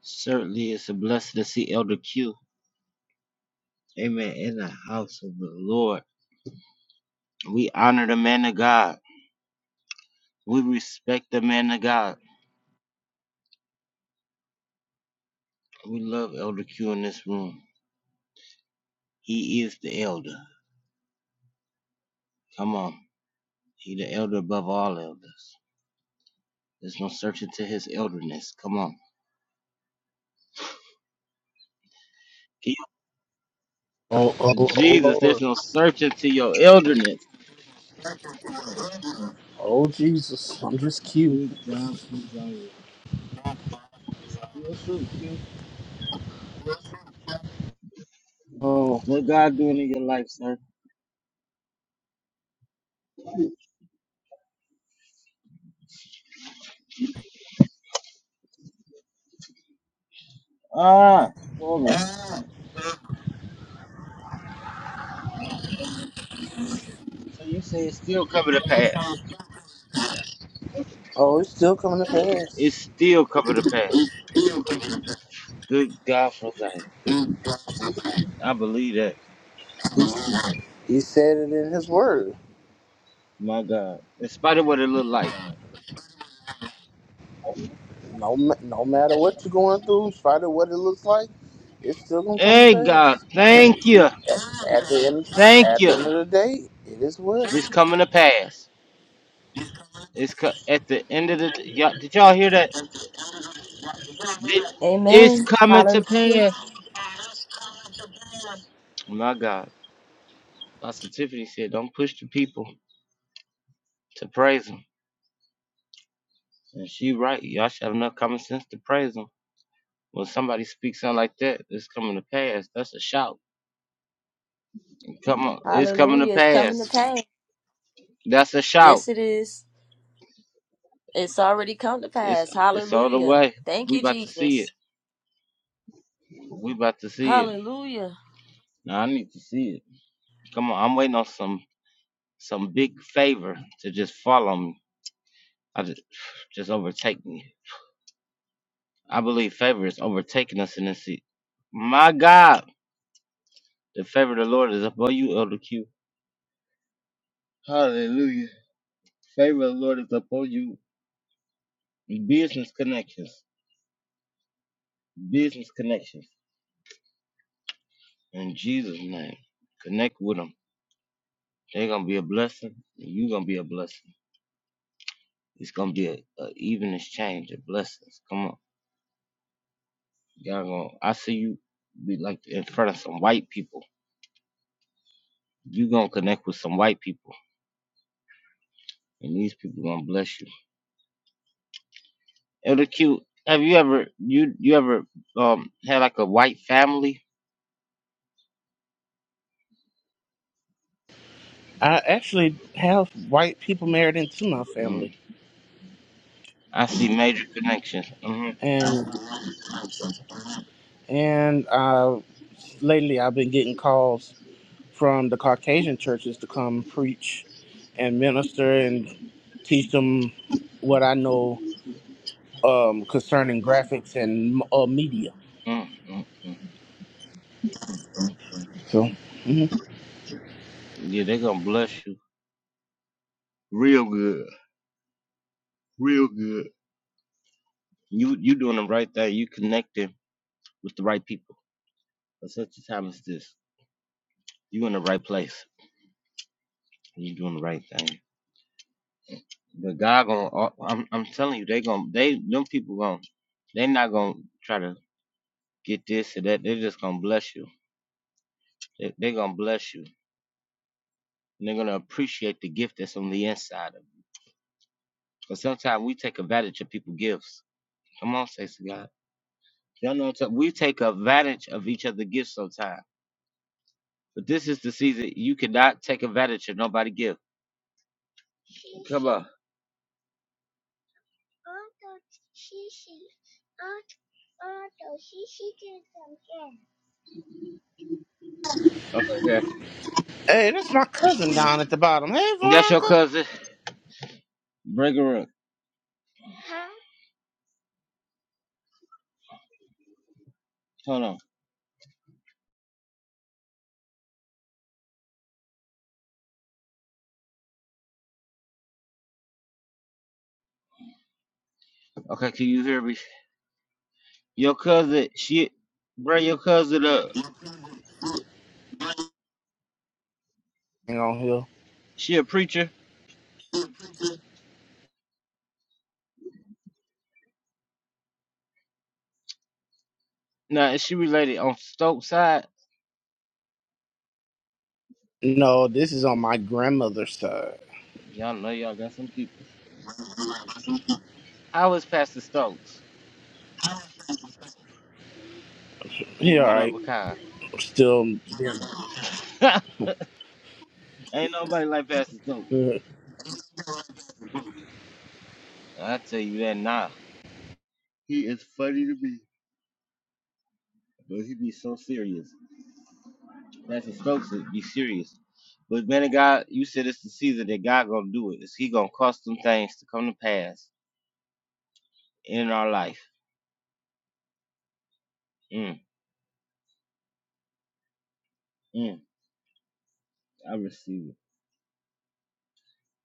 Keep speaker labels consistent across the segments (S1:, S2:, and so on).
S1: Certainly, it's a blessing to see Elder Q. Amen. In the house of the Lord, we honor the man of God. We respect the man of God. We love Elder Q in this room. He is the elder. Come on, he the elder above all elders. There's no searching to his elderness. Come on, He-
S2: Oh, oh, oh,
S1: Jesus. There's
S2: Lord.
S1: no searching to your elderness.
S2: Oh, Jesus. I'm just cute.
S1: Good God, please on you. What's up, Q?
S2: Oh,
S1: What God doing in your life, sir? Ah, glory. So you say it's still coming to pass.
S2: oh, it's still coming to pass.
S1: It's still covered the past. Good God for that! I believe that.
S2: He said it in His Word.
S1: My God. In spite of what it looked like.
S2: No, ma- no matter what you're going through, in spite of what it looks like, it's still gonna come to
S1: Hey, God.
S2: pass.
S1: Thank you.
S2: At at the end,
S1: Thank
S2: at the
S1: you.
S2: end of the day, it is well.
S1: It's coming to pass. It's co- at the end of the. Y'all, did y'all hear that? It- It's
S3: Amen.
S1: coming to
S3: Hallelujah.
S1: pass. My God. Pastor Tiffany said, don't push the people to praise him." And she right. Y'all should have enough common sense to praise him When somebody speaks something like that, it's coming to pass. That's a shout. Come on. It's coming to
S3: Hallelujah. It's coming to
S1: pass.
S3: pass.
S1: That's a shout.
S3: Yes, it is. It's already come to
S1: It's
S3: pass.
S1: it's all the
S3: Hallelujah.
S1: way.
S3: Thank
S1: We
S3: you,
S1: about to see
S3: Jesus.
S1: it. We about to see it.
S3: Hallelujah.
S1: Now I need to see it. Come on, I'm waiting on some some big favor to just follow me. I just just overtake me. I believe favor is overtaking us in this seat. My God, the favor of the Lord is upon you, Elder Q. Hallelujah. Favor of the Lord is upon you. Business connections. Business connections. In Jesus' name. Connect with them. They're gonna be a blessing. And you're gonna be a blessing. It's gonna be a, a even exchange of blessings. Come on, y'all gonna. I see you be like in front of some white people. You gonna connect with some white people, and these people gonna bless you. Elder Q, have you ever you you ever um had like a white family?
S2: I actually have white people married into my
S1: Mm,
S2: family,
S1: I see major connections. hmm
S2: and and uh, lately I've been getting calls from the Caucasian churches to come preach and minister and teach them what I know um, concerning graphics and uh, media.
S1: mm mm mm.
S2: So, mhm.
S1: Yeah, they gonna bless you real good, real good. You you doing the right thing. You connecting with the right people. At such a time as this, you in the right place. You doing the right thing. But God gonna, oh, I'm, I'm telling you, they gonna, they, them people gonna, they not gonna try to get this or that. They're just gonna bless you. They, they gonna bless you. And they're gonna appreciate the gift that's on the inside of you. Cause sometimes we take advantage of people's gifts. Come on, saints of God. Y'all know what I'm talking- we take advantage of each other's gifts sometimes. But this is the season you cannot take advantage of nobody's gift. Come on. Okay, Jackie.
S2: hey, that's my cousin down at the bottom. Hey,
S1: That's your
S2: Veronica.
S1: cousin. Bring her up. Hold on. Okay, can you hear me? Your cousin, she, bro, your cousin, uh,
S2: Hang on here.
S1: she a preacher. Now, is she related on Stokes' side?
S2: No, this is on my grandmother's side.
S1: Y'all know y'all got some people. How is Pastor Stokes?
S2: Yeah,
S1: He
S2: all
S1: went up
S2: right.
S1: with Kyle.
S2: Still, yeah.
S1: Ain't nobody like Pastor Stokes.
S2: you
S1: I tell you that now. He is funny to me, but he be so serious. Pastor Stokes is- be serious. But man of God, you said it's the season that God gonna do it. Is He gonna cause some things to come to pass in our life? Mm, mm, I receive it.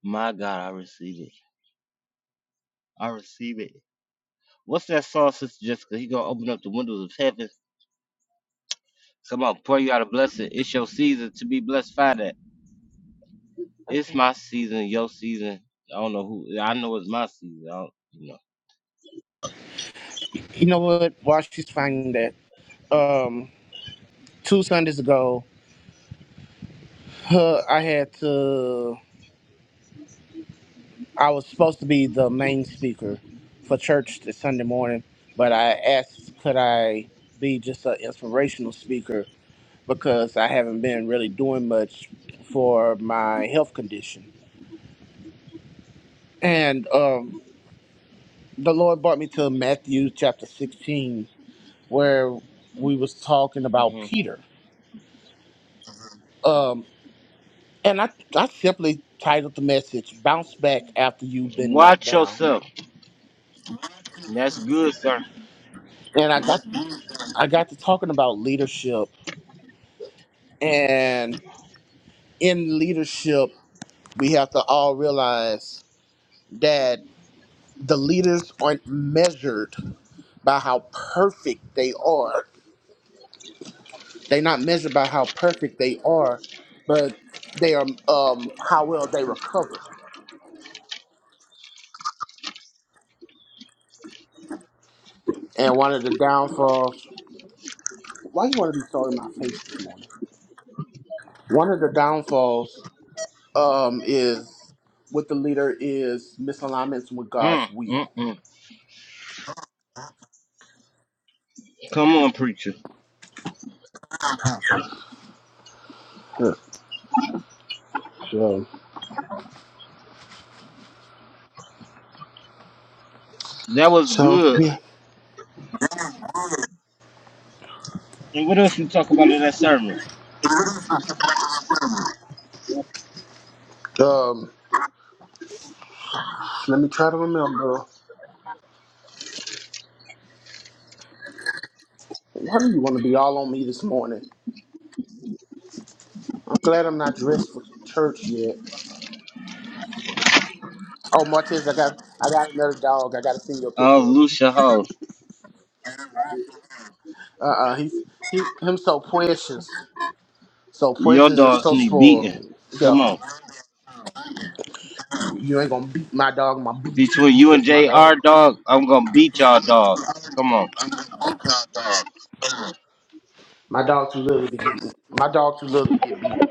S1: My God, I receive it. I receive it. What's that song, Sister Jessica? He gonna open up the windows of heaven. Come on, pour you out a blessing. It's your season to be blessed by that. It's
S3: Okay.
S1: my season, your season. I don't know who. I know it's my season. I don't, you
S2: know what? While she's finding that, um, two Sundays ago, her, I had to. I was supposed to be the main speaker for church this Sunday morning, but I asked could I be just an inspirational speaker because I haven't been really doing much for my health condition. And um, the Lord brought me to Matthew chapter 16, where we was talking
S1: know.
S2: about
S1: hmm
S2: Peter. Um, and I, I simply titled the message "Bounce Back After You've Been Knocked
S1: Watch
S2: Down."
S1: yourself. That's good, sir.
S2: and I got I got to talking about leadership And in leadership, we have to all realize that the leaders aren't measured by how perfect they are. They're not measured by how perfect they are, but they are um, how well they recover. And one of the downfalls, why you want to be so in my face this morning? One of the downfalls um, is with the leader is misalignments with
S1: Mm,
S2: God's
S1: mm,
S2: will.
S1: mm. Come on, preacher.
S2: Yeah, so,
S1: That was
S2: so
S1: good.
S2: yeah.
S1: And what else you talk about in that sermon?
S2: Um, Let me try to remember. How do you want to be all on me this morning? I'm glad I'm not dressed for church yet. Oh, Martez, I got I got another dog. I got to send you a
S1: Oh,
S2: picture of.
S1: Lucia Ho,
S2: Uh, uh he's he him so precious, so
S1: your
S2: precious and
S1: dogs
S2: so
S1: need beating.
S2: spoiled. Get
S1: Come
S2: off me!
S1: on.
S2: You ain't gonna beat my dog. I'm gonna beat you.
S1: Between
S2: You
S1: you and
S2: touch my dog.
S1: JR, dog, I'm gonna beat y'all, dog. Come on.
S2: My dog too little to get. beat. My dog too little to get beat.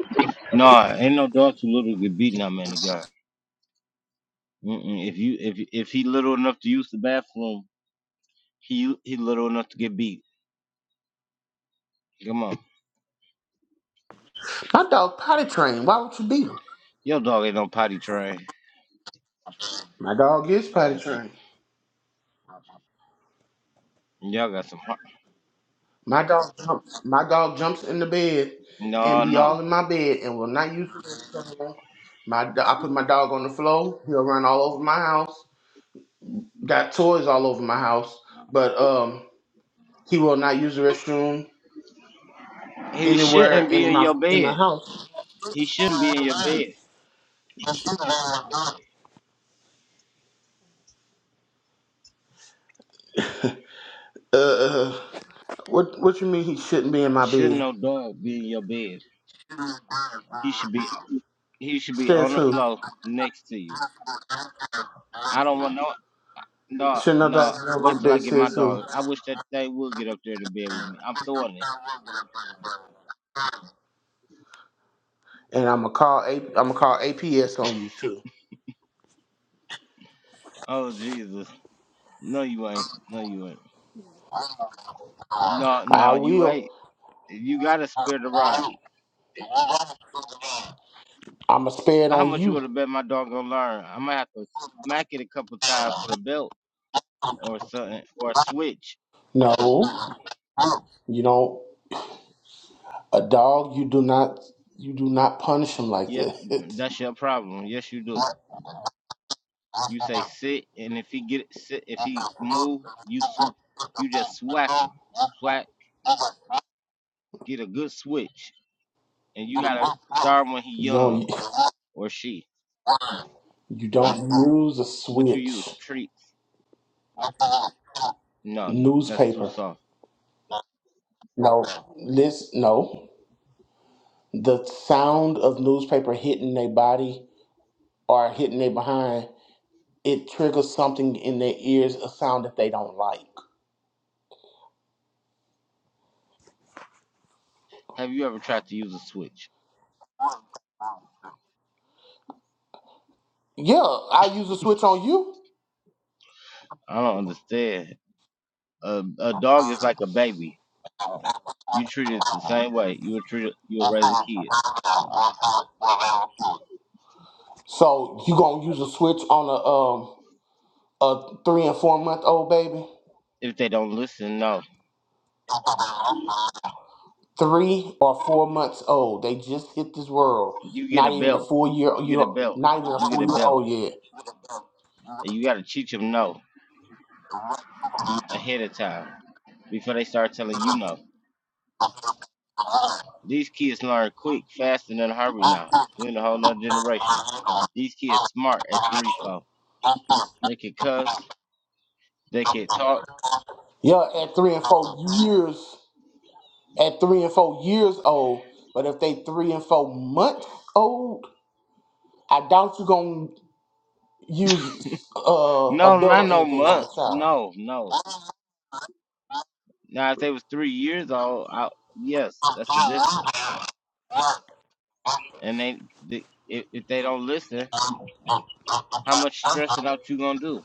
S1: Nah, ain't no dog too little to get beaten out, man. The guy. Mm-mm. If you if if he little enough to use the bathroom, he he little enough to get beat. Come on,
S2: My dog potty trained. Why would you beat him?
S1: your dog ain't no potty train.
S2: My dog is potty
S1: J-
S2: trained.
S1: Y'all got some. heart.
S2: My dog jumps. My dog jumps in the bed and
S1: No,
S2: be
S1: no,
S2: all in my bed and will not use the restroom. My do- I put my dog on the floor. He'll run all over my house. Got toys all over my house, but um, he will not use the restroom
S1: he
S2: anywhere
S1: shouldn't be
S2: in
S1: in
S2: my
S1: your
S2: in my
S1: bed.
S2: house.
S1: He shouldn't be in your bed.
S2: Uh, what what you mean he shouldn't be in my
S1: Shouldn't
S2: bed?
S1: no dog be in your bed. He should be he should be
S2: Says
S1: on the
S2: who?
S1: floor next to you. I don't want no no
S2: Shouldn't no dog
S1: no.
S2: be on
S1: Wait
S2: my
S1: till I
S2: bed?
S1: get my
S2: Says who?
S1: dog. I wish that they would get up there to bed with me. I'm throwing it.
S2: and I'm gonna call A. I'm gonna call APS on you too.
S1: Oh Jesus. No, you ain't. No, you ain't. No,
S2: I
S1: no, you
S2: will.
S1: ain't. You gotta spare the rod.
S2: I'm gonna spare it
S1: How
S2: on
S1: much you would
S2: you.
S1: have bet my dog gonna learn? I might have to smack it a couple times with a belt or something or a switch.
S2: No, you don't. A dog, you do not. You do not punish him like
S1: Yeah,
S2: that.
S1: that's your problem. Yes, you do. You say sit, and if he get sit, if he move, you sw- you just swack him, swack, get a good switch, and you gotta start when he
S2: you
S1: young
S2: don't.
S1: or she.
S2: You don't use a
S1: What you use
S2: switch.
S1: treats? No, no, that's too
S2: Newspaper.
S1: soft.
S2: No, this no. The sound of newspaper hitting their body or hitting their behind, it triggers something in their ears, a sound that they don't like.
S1: Have you ever tried to use a switch?
S2: Yeah, I use a switch on you.
S1: I don't understand. A a dog is like a baby. You treat it the same way. You would treat it, you would raise a kid.
S2: So you gonna use a switch on a um a three and four month old baby?
S1: If they don't listen, no.
S2: three or four months old. They just hit this world.
S1: You get a
S2: Not even a
S1: belt.
S2: full year.
S1: You
S2: year
S1: get a belt.
S2: not even a
S1: You get
S2: full
S1: a
S2: year
S1: belt.
S2: old yet.
S1: And you gotta teach them no ahead of time before they start telling you no. These kids learn quick, faster than Harvey now. We're in a whole nother generation. These kids smart at three, four. They can cuss. They can talk.
S2: Yeah, at three and four years. At three and four years old. But if they three and four months old, I doubt you gonna use uh, a
S1: No,
S2: belt
S1: not
S2: or
S1: no
S2: anything on a
S1: months.
S2: child.
S1: No, no. Now if they was three years old, I, yes, that's the difference. and they, they if, if they don't listen, how much stressing out you gonna do?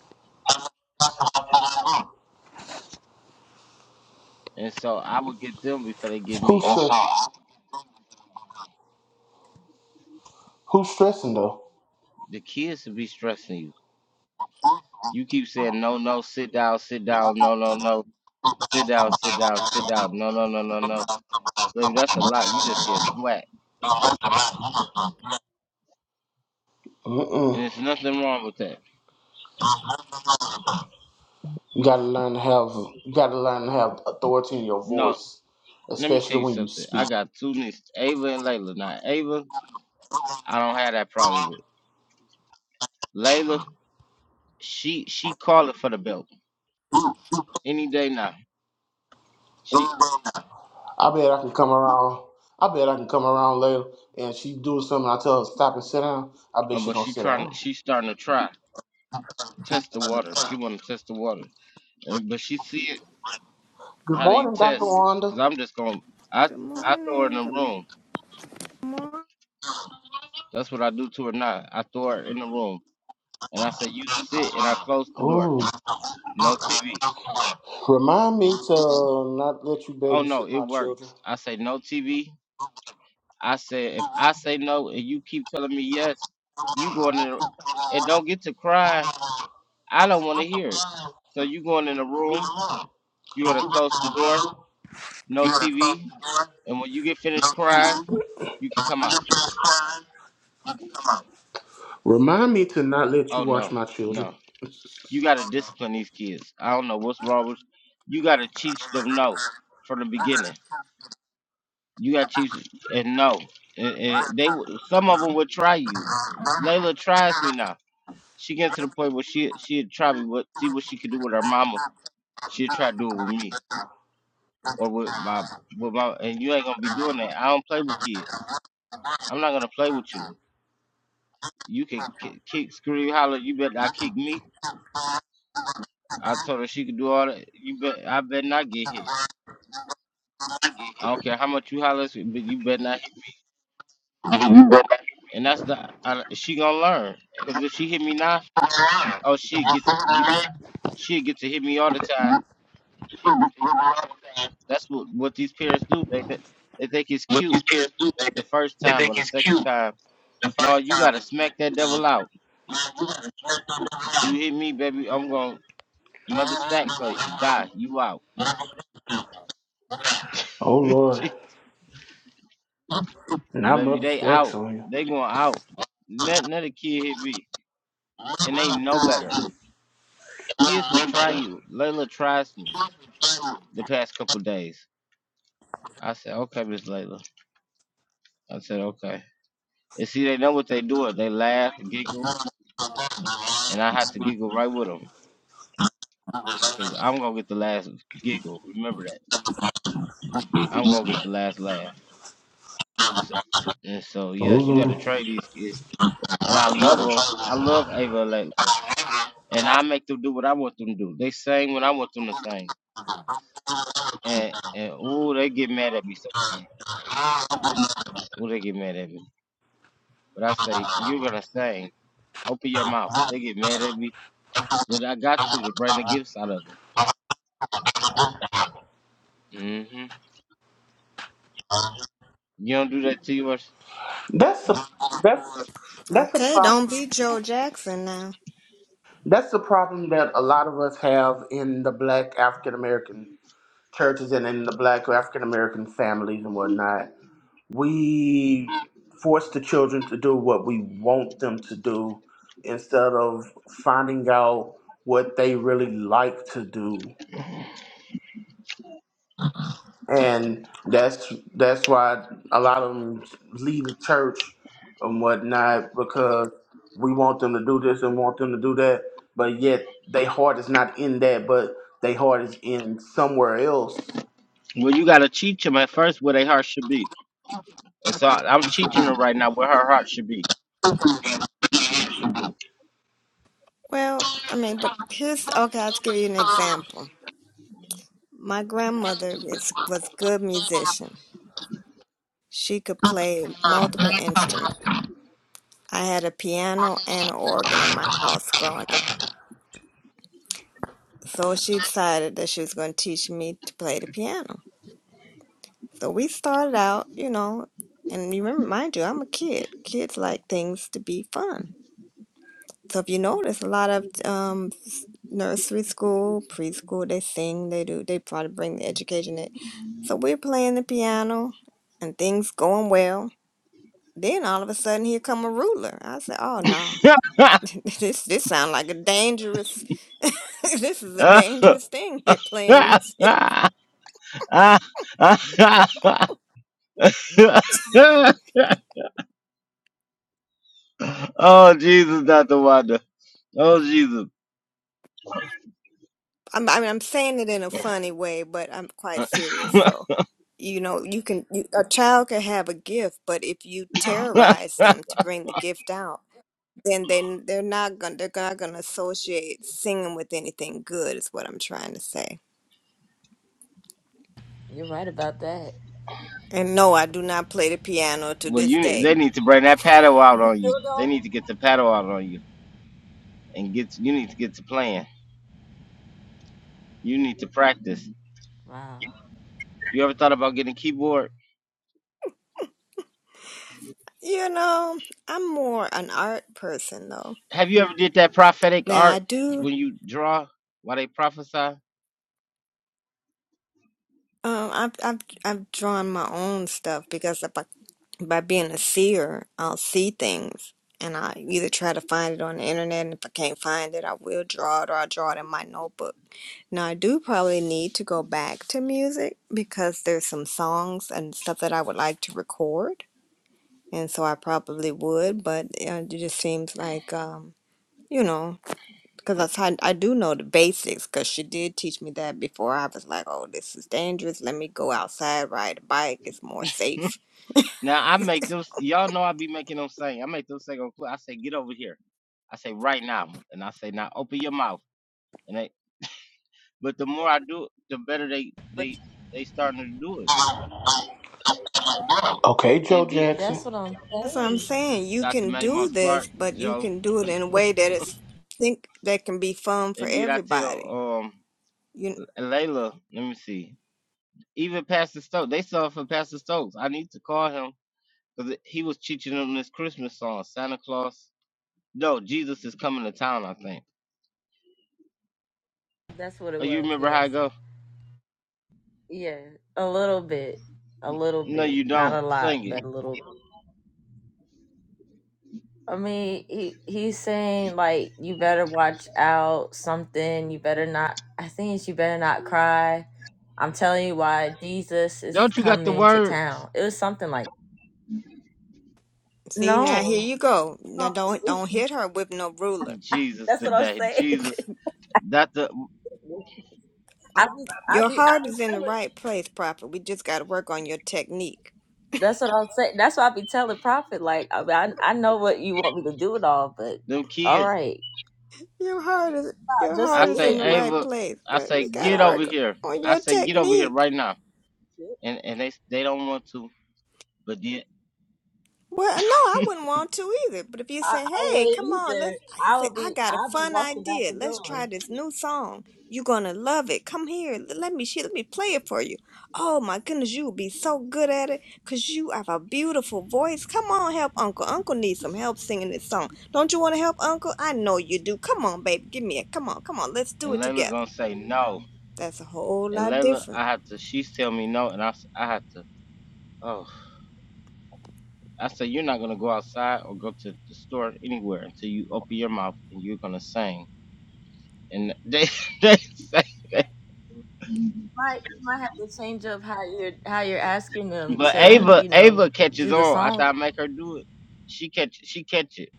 S1: And so I would get them before they get
S2: Who's
S1: me.
S2: stress, who's stressing though?
S1: The kids would be stressing you. You keep saying no, no, sit down, sit down,
S2: Mm-mm.
S1: no, no, no, sit down, sit down, sit down, no, no, no, no, no. Baby, that's a lot. You just get smacked, and there's nothing wrong with that.
S2: You gotta learn to have you gotta learn to have authority in your
S1: No,
S2: voice,
S1: let me tell
S2: especially
S1: you
S2: when you
S1: something. I
S2: speak.
S1: got two nieces, Ava and Layla. Now Ava, I don't have that problem with. Layla, she she calling for the belt any day now. She,
S2: I bet I can come around. I bet I can come around later and she do something. I tell her stop and sit down. I bet
S1: uh,
S2: she
S1: but
S2: gonna
S1: she
S2: sit
S1: trying,
S2: down.
S1: she starting to try. test the water. She want to test the water, and, but she see it
S2: Good
S1: how they
S2: morning, Doctor
S1: test.
S2: Wanda.
S1: Cause I'm just gonna I
S4: Good
S1: I throw her in
S4: morning. Good
S1: the
S4: m-
S1: room.
S4: morning.
S1: That's what I do to her now. I throw her in the room, and I say you sit, and I close the door.
S2: Ooh.
S1: No TV.
S2: Remind me to uh, not let you
S1: Oh no,
S2: babysit
S1: it
S2: my children.
S1: works. I say no TV. I say if I say no and you keep telling me yes, you going in the, and don't get to cry. I don't want to hear it. So you going in the room. You gonna close the door. No TV. And when you get finished crying, you can come out.
S2: Remind me to not let you
S1: Oh
S2: watch
S1: no,
S2: my
S1: no.
S2: children.
S1: You gotta discipline these kids. I don't know what's wrong with you gotta teach them no from the beginning. You gotta teach them and no. And, and they would- some of them would try you. Layla tries me now. She gets to the point where she she'd try me but see what she could do with her mama. She'd try to do it with me or with my with my and you ain't gonna be doing that. I don't play with kids. I'm not gonna play with you. You can ki- kick, scream, holler. You bet I kick me. I told her she could do all that. You bet. I bet not get hit. I don't care how much you holler, but you better not. hit me. And that's the I, she gonna learn. Cause if she hit me now, oh she get to, you. She get to hit me all the time. That's what what these parents do. They th- they think it's
S2: What you
S1: cute the first time or the second time. No, you gotta
S2: and the
S1: smack that devil out. You hit me, baby. I'm gonna mother stack so you bye. You out,
S2: Oh
S1: Gee,
S2: Lord, not
S1: baby.
S2: Mother
S1: They
S2: stacks
S1: out.
S2: on you.
S1: They going out. Let let kid hit me, and they know better. Kids will try you. Layla tries me the past couple days. I said, okay, Miss Layla. I said, okay. And see, they know what they doing. They laugh, and giggle, and I have to giggle right with them because I'm going to get the last giggle. Remember that. I'm going to get the last laugh. So, and so, yes, you got to
S2: Oh
S1: train these kids. And I
S2: Lord.
S1: love them. I love Ava and Layla. And I make them do what I want them to do. They sing when I want them to sing. And, and ooh, they get mad at me sometimes. Ooh, they get mad at me. But I say, you're going to sing. Open your mouth. They get mad at me. But I got to to bring the gifts out of them. hmm You don't do that to yours.
S2: That's a, that's that's a
S4: Okay, don't
S2: problem.
S4: be Joe Jackson now.
S2: That's the problem that a lot of us have in the Black African American churches and in the Black African American families and whatnot. We force the children to do what we want them to do instead of finding out what they really like to do and that's that's why a lot of them leave the church and whatnot because we want them to do this and want them to do that, but yet their heart is not in that, but their heart is in somewhere else.
S1: Well, you gotta teach them at first where their heart should be, and so I- I'm teaching her right now where her heart should be.
S4: Well, I mean, but here's okay. I'll give you an example. My grandmother is, was a good musician. She could play multiple instruments. I had a piano and an organ in my house growing up. So she decided that she was going to teach me to play the piano. So we started out, you know, and you remember, mind you, I'm a kid. Kids like things to be fun. So if you notice, a lot of um, s- nursery school, preschool, they sing, they do, they try to bring the education in. So we're playing the piano, and things going well. Then all of a sudden, here come a ruler. I said, "Oh no, this this sounds like a dangerous. this is a dangerous thing here playing music."
S1: oh Jesus, Doctor Wanda. Oh Jesus.
S4: I'm, I mean, I'm saying it in a funny way, but I'm quite serious though you know you can you, a child can have a gift but if you terrorize them to bring the gift out then they they're not gonna they're not gonna associate singing with anything good is what I'm trying to say.
S3: You're right about that.
S4: And no, I do not play the piano to
S1: well,
S4: this
S1: you
S4: day.
S1: they need to bring that paddle out
S3: You
S1: on you.
S3: still
S1: They need to
S3: don't?
S1: get the paddle out on you, and get you need to get to playing. You need to practice.
S3: Wow.
S1: You ever thought about getting a keyboard?
S4: You know, I'm more an art person though.
S1: Have you ever did that prophetic
S4: Now I
S1: art
S4: do
S1: when you draw while they prophesy?
S4: um I've I've I've drawn my own stuff because if I by being a seer, I'll see things and I either try to find it on the internet and if I can't find it, I will draw it or I'll draw it in my notebook Now, I do probably need to go back to music because there's some songs and stuff that I would like to record. And so I probably would, but uh, it just seems like, um, you know, because I, tried- I do know the basics because she did teach me that before. I was like, oh, this is dangerous. Let me go outside, ride a bike. It's more safe.
S1: Now I make those. Y'all know I be making them sing. I make them sing on cl- I say, get over here. I say right now, and I say now open your mouth. And they, but the more I do it, the better they
S3: But
S1: they they starting to do it.
S2: Okay, Joe
S1: And did
S2: Jackson.
S3: that's what I'm
S4: That's what I'm
S3: saying.
S4: saying. You
S1: Dr.
S4: can
S1: Matty
S4: do
S1: Moss Clark,
S4: this, but you
S1: Joe,
S4: can do it in a way that it's think that can be fun for
S1: and did I
S4: everybody.
S1: tell um
S4: You.
S1: Layla? Let me see. Even Pastor Stokes, they saw it from Pastor Stokes. I need to call him because he was teaching them this Christmas song, Santa Claus. Yo, Jesus is coming to town, I think.
S3: That's what it
S1: Oh, you
S3: was.
S1: remember how
S3: Yes.
S1: it go?
S3: Yeah. A little bit. A little
S1: No,
S3: bit.
S1: you
S3: Not
S1: don't.
S3: a lot,
S1: Sing it.
S3: but a little. I mean, he he's saying like you better watch out something. You better not. I think it's you better not cry. I'm telling you why Jesus is
S1: Don't you got the
S3: coming to
S1: words?
S3: town. It was something like
S4: See now, here
S3: no.
S4: you go. Now don't don't hit her with no ruler.
S1: Jesus
S3: That's what I'm
S1: today.
S3: saying.
S1: Jesus. That the
S3: I
S4: I-
S3: be I
S4: Your
S3: be I
S4: heart
S3: be
S4: is in the
S3: telling.
S4: right place, Prophet. We just got to work on your technique.
S3: That's what I'm saying. That's why I be telling Prophet like I mean, I I know what you want me to do and all, but
S1: them
S3: all
S1: kids.
S3: right,
S4: Your heart is your
S3: just a
S1: I
S4: heart is
S1: say,
S4: in the
S3: little
S4: right
S1: Ava,
S4: place,
S1: I
S4: but
S1: say,
S4: we got to
S1: get over
S4: work
S1: here.
S4: on
S1: I
S4: your
S1: say, get over here
S4: technique.
S1: right now.
S3: bit.
S1: And and they they don't want to, but then
S4: Well, no, I wouldn't want to either. But if you
S3: I,
S4: say,
S3: I
S4: "Hey, come
S3: wouldn't
S4: on,
S3: either.
S4: let's," I
S3: I
S4: say,
S3: would
S4: "I
S3: be.
S4: got a
S3: I'd be
S4: fun
S3: walking out
S4: idea.
S3: the
S4: Let's
S3: door.
S4: try this new song. You're gonna love it. Come here. l- Let me she, let me play it for you. Oh my goodness, you would be so good at it, 'cause you have a beautiful voice. Come on, help Uncle. Uncle needs some help singing this song. Don't you want to help Uncle? I know you do. Come on, baby, give me a come on, come on. Let's do
S1: and
S4: it
S1: Layla
S4: together.
S1: gonna say no.
S4: That's a whole
S1: And
S4: lot
S1: Layla,
S4: different.
S1: I have to she's tell me no and I, s- I have to oh I say you're not gonna go outside or go to the store anywhere until you open your mouth and you're gonna sing. And they, they say that.
S3: Might you might have to change up how you're how you're asking them
S1: But
S3: to
S1: Ava,
S3: you know
S1: Ava catches
S3: do the
S1: on after I
S3: song.
S1: make her do it. She catch, she catch it,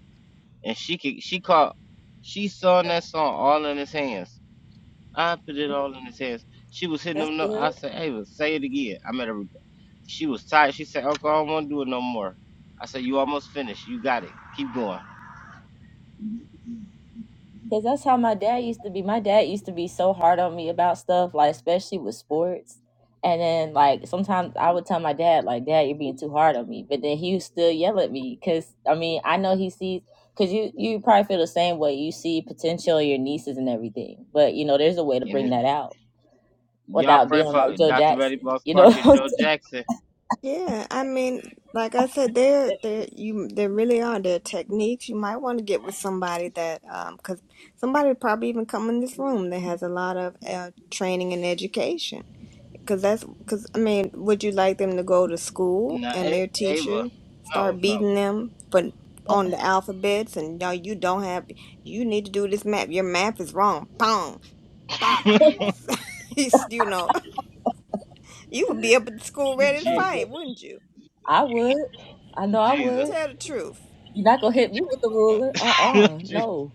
S1: and she can, she caught, she sung that song all in his hands. I put it all in his hands. She was hitting
S3: That's
S1: them. notes. I
S3: good.
S1: said, Ava, say it again. I made her. repeat. She was tired. She said, Uncle, I don't want to do it no more. I said, You almost finished. You got it. Keep going.
S3: Cause that's how my dad used to be. My dad used to be so hard on me about stuff, like especially with sports. And then like sometimes I would tell my dad, like, Dad, you're being too hard on me. But then he would still yell at me. Cause I mean, I know he sees because you you probably feel the same way. You see potential in your nieces and everything, but you know there's a way to
S1: And
S3: bring
S1: it,
S3: that out.
S1: y'all
S3: without
S1: pray
S3: being
S1: for
S3: like
S1: it.
S3: Joe
S1: Dr. Reddy
S3: Jackson.
S1: Boss
S3: You know what
S1: Parker,
S3: I'm
S1: Joe Jackson.
S4: Yeah, I mean, like I said, there,
S3: saying?
S4: there, you, there really are. There are techniques. You might want to get with somebody that, um, 'cause somebody probably even come in this room that has a lot of uh, training and education, 'cause that's, 'cause I mean, would you like them to go to school
S1: No,
S4: and
S1: A-
S4: their
S1: Ava.
S4: teacher
S1: No,
S4: start
S1: no.
S4: beating them for on the alphabets and no, you don't have, you need to do this map. Your map is wrong. Boom, bop. You know, you would be up at the school ready to
S3: Oh,
S1: Gee,
S3: yeah.
S4: fight, wouldn't you?
S3: I would. I know I
S1: Jesus.
S3: would.
S4: Tell the truth.
S3: You're not gonna hit me with a ruler. Uh uh No.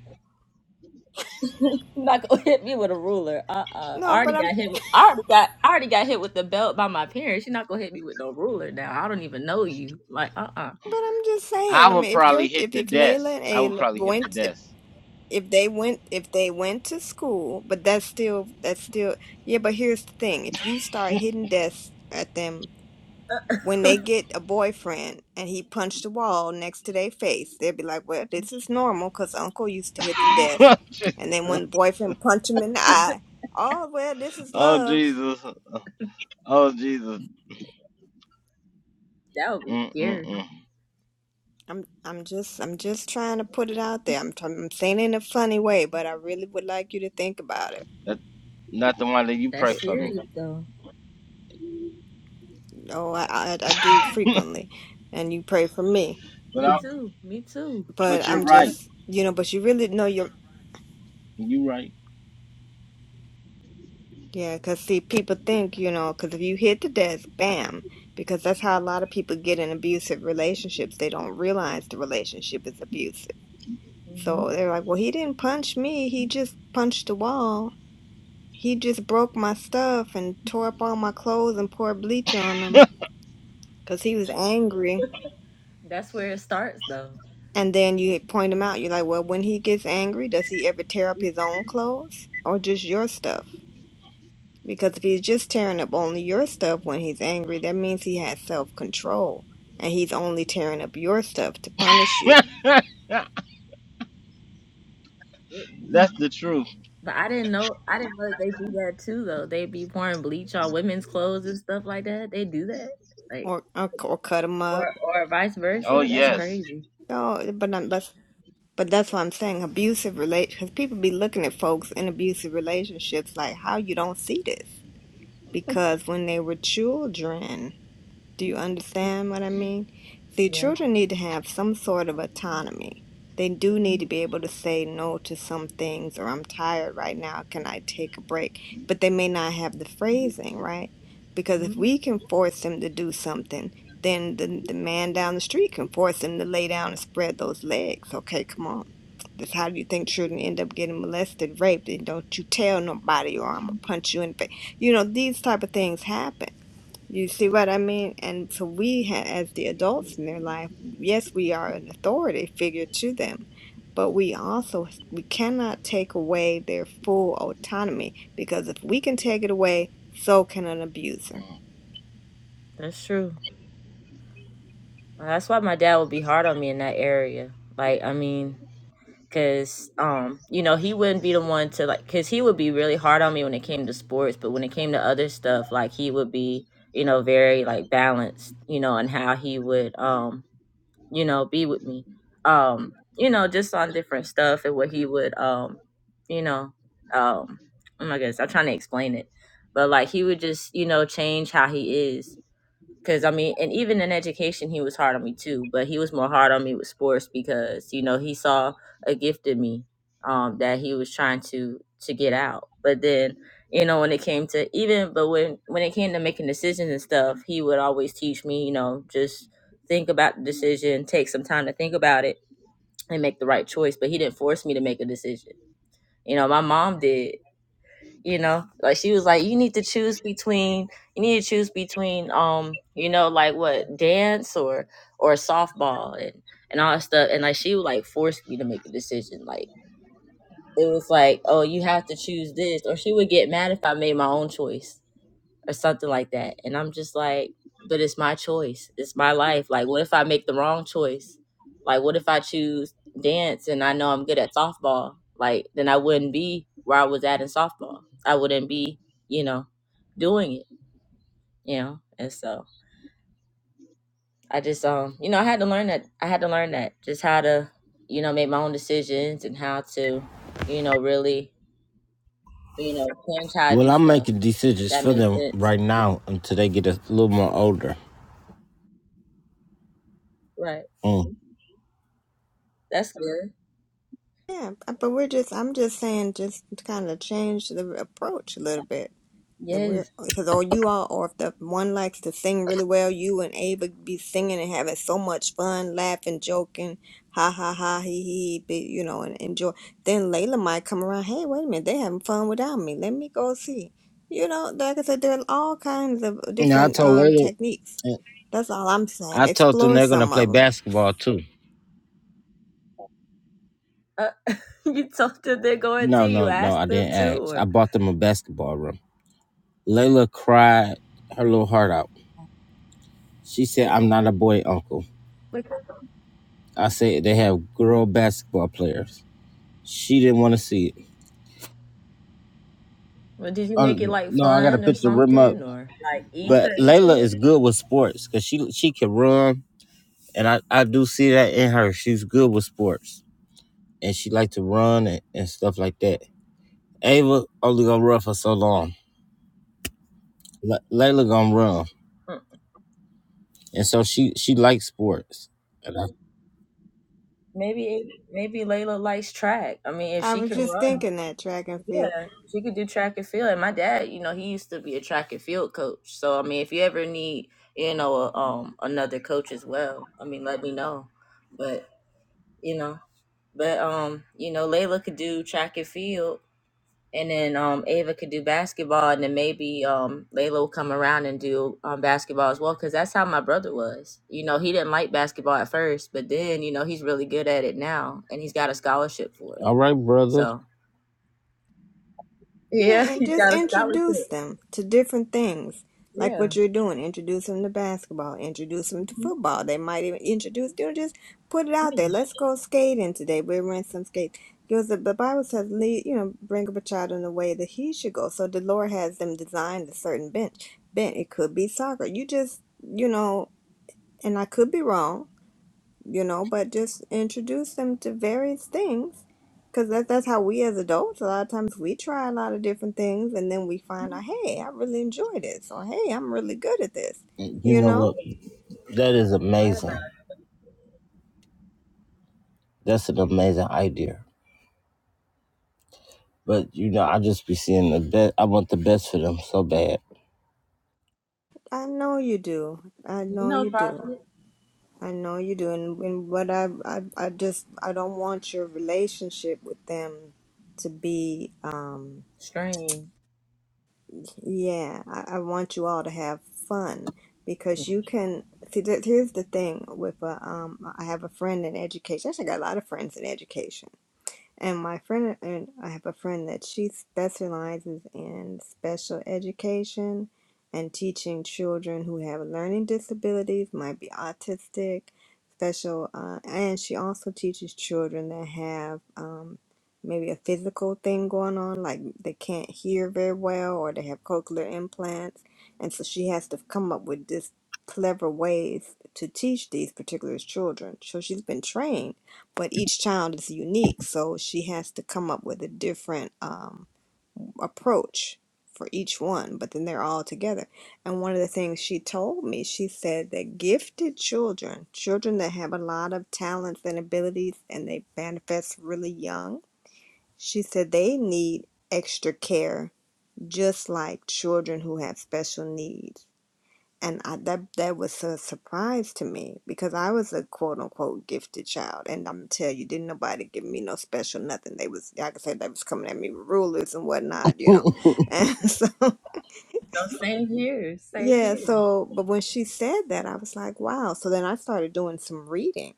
S3: You're not gonna hit me with a ruler. Uh uh I
S4: No,
S3: already
S4: but I'm
S3: got hit with, I already got I already got hit with the belt by my parents. You're not gonna hit me with no ruler now. I don't even know you. Like uh uh
S4: but I'm just
S1: I
S4: saying. I
S1: would
S4: mean, if you're
S1: probably hit
S4: if
S1: the
S4: if
S1: desk.
S4: Layla and
S1: I would
S4: Ayla
S1: probably hit the
S4: went if,
S1: desk.
S4: if they went if they went to school, but that's still that's still yeah. But here's the thing: if you start hitting desks at them when they get a boyfriend and he punched the wall next to their face, they'll be like, "Well, this is normal because Uncle used to hit the desk." And then when the boyfriend punched him in the eye, oh well, this is
S1: oh
S4: love.
S1: Jesus! Oh Jesus!
S3: That would be
S1: Mm mm
S3: scary.
S1: mm.
S4: I'm I'm just I'm just trying to put it out there. I'm try- I'm saying it in a funny way, but I really would like you to think about it.
S1: That not the one that you
S3: That's
S1: pray
S4: That-
S1: for me.
S3: serious though.
S4: No, I, I I do
S1: but
S4: frequently, and you pray for me.
S3: Me
S1: I,
S3: too. Me too.
S4: But
S1: but you're
S4: I'm
S1: right.
S4: just you know, but you really know your
S1: You're right.
S4: yeah. Cause see, people think you know, cause if you hit the desk, bam. Because that's how a lot of people get in abusive relationships. They don't realize the relationship is abusive.
S3: hmm
S4: So they're like, well, he didn't punch me. He just punched the wall He just broke my stuff and tore up all my clothes and poured bleach on them because he was angry.
S3: That's where it starts though.
S4: And then you point him out. You're like, well, when he gets angry, does he ever tear up his own clothes or just your stuff? Because if he's just tearing up only your stuff when he's angry, that means he has self control and he's only tearing up your stuff to punish you
S3: It
S1: That's the truth.
S3: But I didn't know I didn't know that they do that too though. They be pouring bleach on women's clothes and stuff like that. They do that. Like
S4: or or, or cut him
S3: or
S4: up.
S3: or vice
S1: Oh
S3: versa. That's
S1: yes.
S3: crazy.
S4: No, but I'm, but but that's what I'm saying. Abusive relate because people be looking at folks in abusive relationships like how you don't see this because when they were children do you understand what I mean? See,
S3: Yeah.
S4: children need to have some sort of autonomy. They do need to be able to say no to some things, or I'm tired right now, can I take a break? But they may not have the phrasing, right? Because if
S3: Mhm.
S4: we can force them to do something, then the, the man down the street can force them to lay down and spread those legs. Okay, come on. That's how you think children end up getting molested, raped, and don't you tell nobody or I'm gonna punch you in the face. You know, these type of things happen you see what I mean? And so we, ha as the adults in their life, yes, we are an authority figure to them, but we also we cannot take away their full autonomy because if we can take it away, so can an abuser.
S3: That's true. Well, That's why my dad would be hard on me in that area. Like, I mean, cause um, you know, he wouldn't be the one to like, cause he would be really hard on me when it came to sports, but when it came to other stuff, like he would be, you know, very like balanced, you know, and how he would um you know, be with me. Um, you know, just on different stuff and what he would um, you know, um oh my goodness, I'm trying to explain it. But like he would just, you know, change how he is. Cause I mean, and even in education, he was hard on me too. But he was more hard on me with sports because you know he saw a gift in me um, that he was trying to to get out. But then you know when it came to even, but when when it came to making decisions and stuff, he would always teach me, you know, just think about the decision, take some time to think about it, and make the right choice. But he didn't force me to make a decision. You know, my mom did, you know like she was like you need to choose between you need to choose between um you know like what dance or or softball and and all that stuff and like she would like force me to make a decision like it was like oh you have to choose this or she would get mad if i made my own choice or something like that. And I'm just like, but it's my choice. It's my life. Like, what if I make the wrong choice? Like, what if I choose dance and I know I'm good at softball? Like, then I wouldn't be where I was at in softball. I wouldn't be, you know, doing it, you know? And so I just, um, you know, I had to learn that. I had to learn that just how to, you know, make my own decisions and how to, you know, really, you know, change how I do
S1: Well, I'm
S3: stuff.
S1: making decisions
S3: That
S1: for
S3: makes
S1: them
S3: sense.
S1: right now until they get a little more older.
S3: Right.
S1: Mm.
S3: That's good.
S4: Yeah, but we're just I'm just saying just to kind of change the approach a little bit. That we're
S3: Yes.
S4: because all you all, or if the one likes to sing really well, you and Ava be singing and having so much fun, laughing, joking, ha ha ha, he he, be, you know, and enjoy. Then Layla might come around. Hey, wait a minute, they having fun without me. Let me go see. You know, like I said, there are all kinds of
S1: Now I
S4: different
S1: told
S4: um
S1: them.
S4: techniques. That's all I'm
S1: I
S4: saying.
S1: told them
S4: Explore
S1: they're gonna
S4: some
S1: play
S4: of them.
S1: basketball too.
S3: Oh, you told them they're going to.
S1: No,
S3: You
S1: no, no, I
S3: asked them
S1: didn't
S3: to,
S1: ask. I
S3: or
S1: bought them a basketball room. Layla cried her little heart out. She said, I'm not a boy uncle.
S3: like,
S1: I said they have girl basketball players. She didn't want to see it.
S3: or did you make it
S1: Um,
S3: like
S1: no, I gotta
S3: fun or
S1: pick the rim up.
S3: something, or like Issa
S1: But Layla
S3: into
S1: is
S3: it?
S1: good with sports because she she can run, and I, I do see that in her. She's good with sports, and she like to run and, and stuff like that. Ava only gonna run for so long. Le- Layla gonna run,
S3: Mm,
S1: and so she she likes sports. and I
S3: Maybe maybe Layla likes track. I mean, if
S4: I
S3: she
S4: was
S3: can
S4: just
S3: run,
S4: thinking that track and field.
S3: yeah, she could do track and field. And my dad, you know, he used to be a track and field coach. So I mean, if you ever need, you know, a, um, another coach as well, I mean, let me know. But you know, but um, you know, Layla could do track and field and then um Ava could do basketball, and then maybe um Layla will come around and do um basketball as well, because that's how my brother was. You know, he didn't like basketball at first, but then you know he's really good at it now, and he's got a scholarship for it.
S1: All right, brother.
S3: So
S4: Yeah,
S3: yeah,
S4: and
S3: he's
S4: just
S3: got a
S4: introduce
S3: scholarship.
S4: them to different things, like
S3: Yeah,
S4: what you're doing. Introduce them to basketball. Introduce them to
S3: Mhm.
S4: football. They might even introduce. You know, just put it out
S3: Yeah.
S4: there. Let's go skating today. We'll rent some skates. Because the, the Bible says, lead, you know, bring up a child in the way that he should go. So the Lord has them designed a certain bench. Bent. It could be soccer. You just, you know, and I could be wrong you know, but just introduce them to various things because that, that's how we as adults, a lot of times we try a lot of different things and then we find out, hey, I really enjoy this or hey, I'm really good at this,
S1: You
S4: you
S1: know what?
S4: know?
S1: That is
S3: you right about
S1: amazing. That's an amazing idea. But you know, I just be seeing the best. I want the best for them so bad.
S4: I know you do. I
S3: it. You
S4: know
S3: know,
S4: you do.
S3: Prophet.
S4: I know you do. And, and what I, I, I just, I don't want your relationship with them to be, um.
S3: Strange.
S4: Yeah, I, I want you all to have fun
S3: Yeah.
S4: because you can see that here's the thing with a um I have a friend in education. Actually, I got a lot of friends in education and my friend and I have a friend that she specializes in special education and teaching children who have learning disabilities, might be autistic, special, uh, and she also teaches children that have um, maybe a physical thing going on, like they can't hear very well or they have cochlear implants, and so she has to come up with this clever ways to teach these particular children. So she's been trained but each child is unique so she has to come up with a different um, approach for each one but then they're all together and one of the things she told me she said that gifted children children that have a lot of talents and abilities and they manifest really young she said they need extra care just like children who have special needs and I, that that was a surprise to me because I was a quote unquote gifted child, and I'm tell you, didn't nobody give me no special nothing. They was like I said, they was coming at me with rulers and whatnot, you know, and so
S3: So same here, same
S4: yeah.
S3: here.
S4: So, but when she said that, I was like, wow. So then I started doing some reading,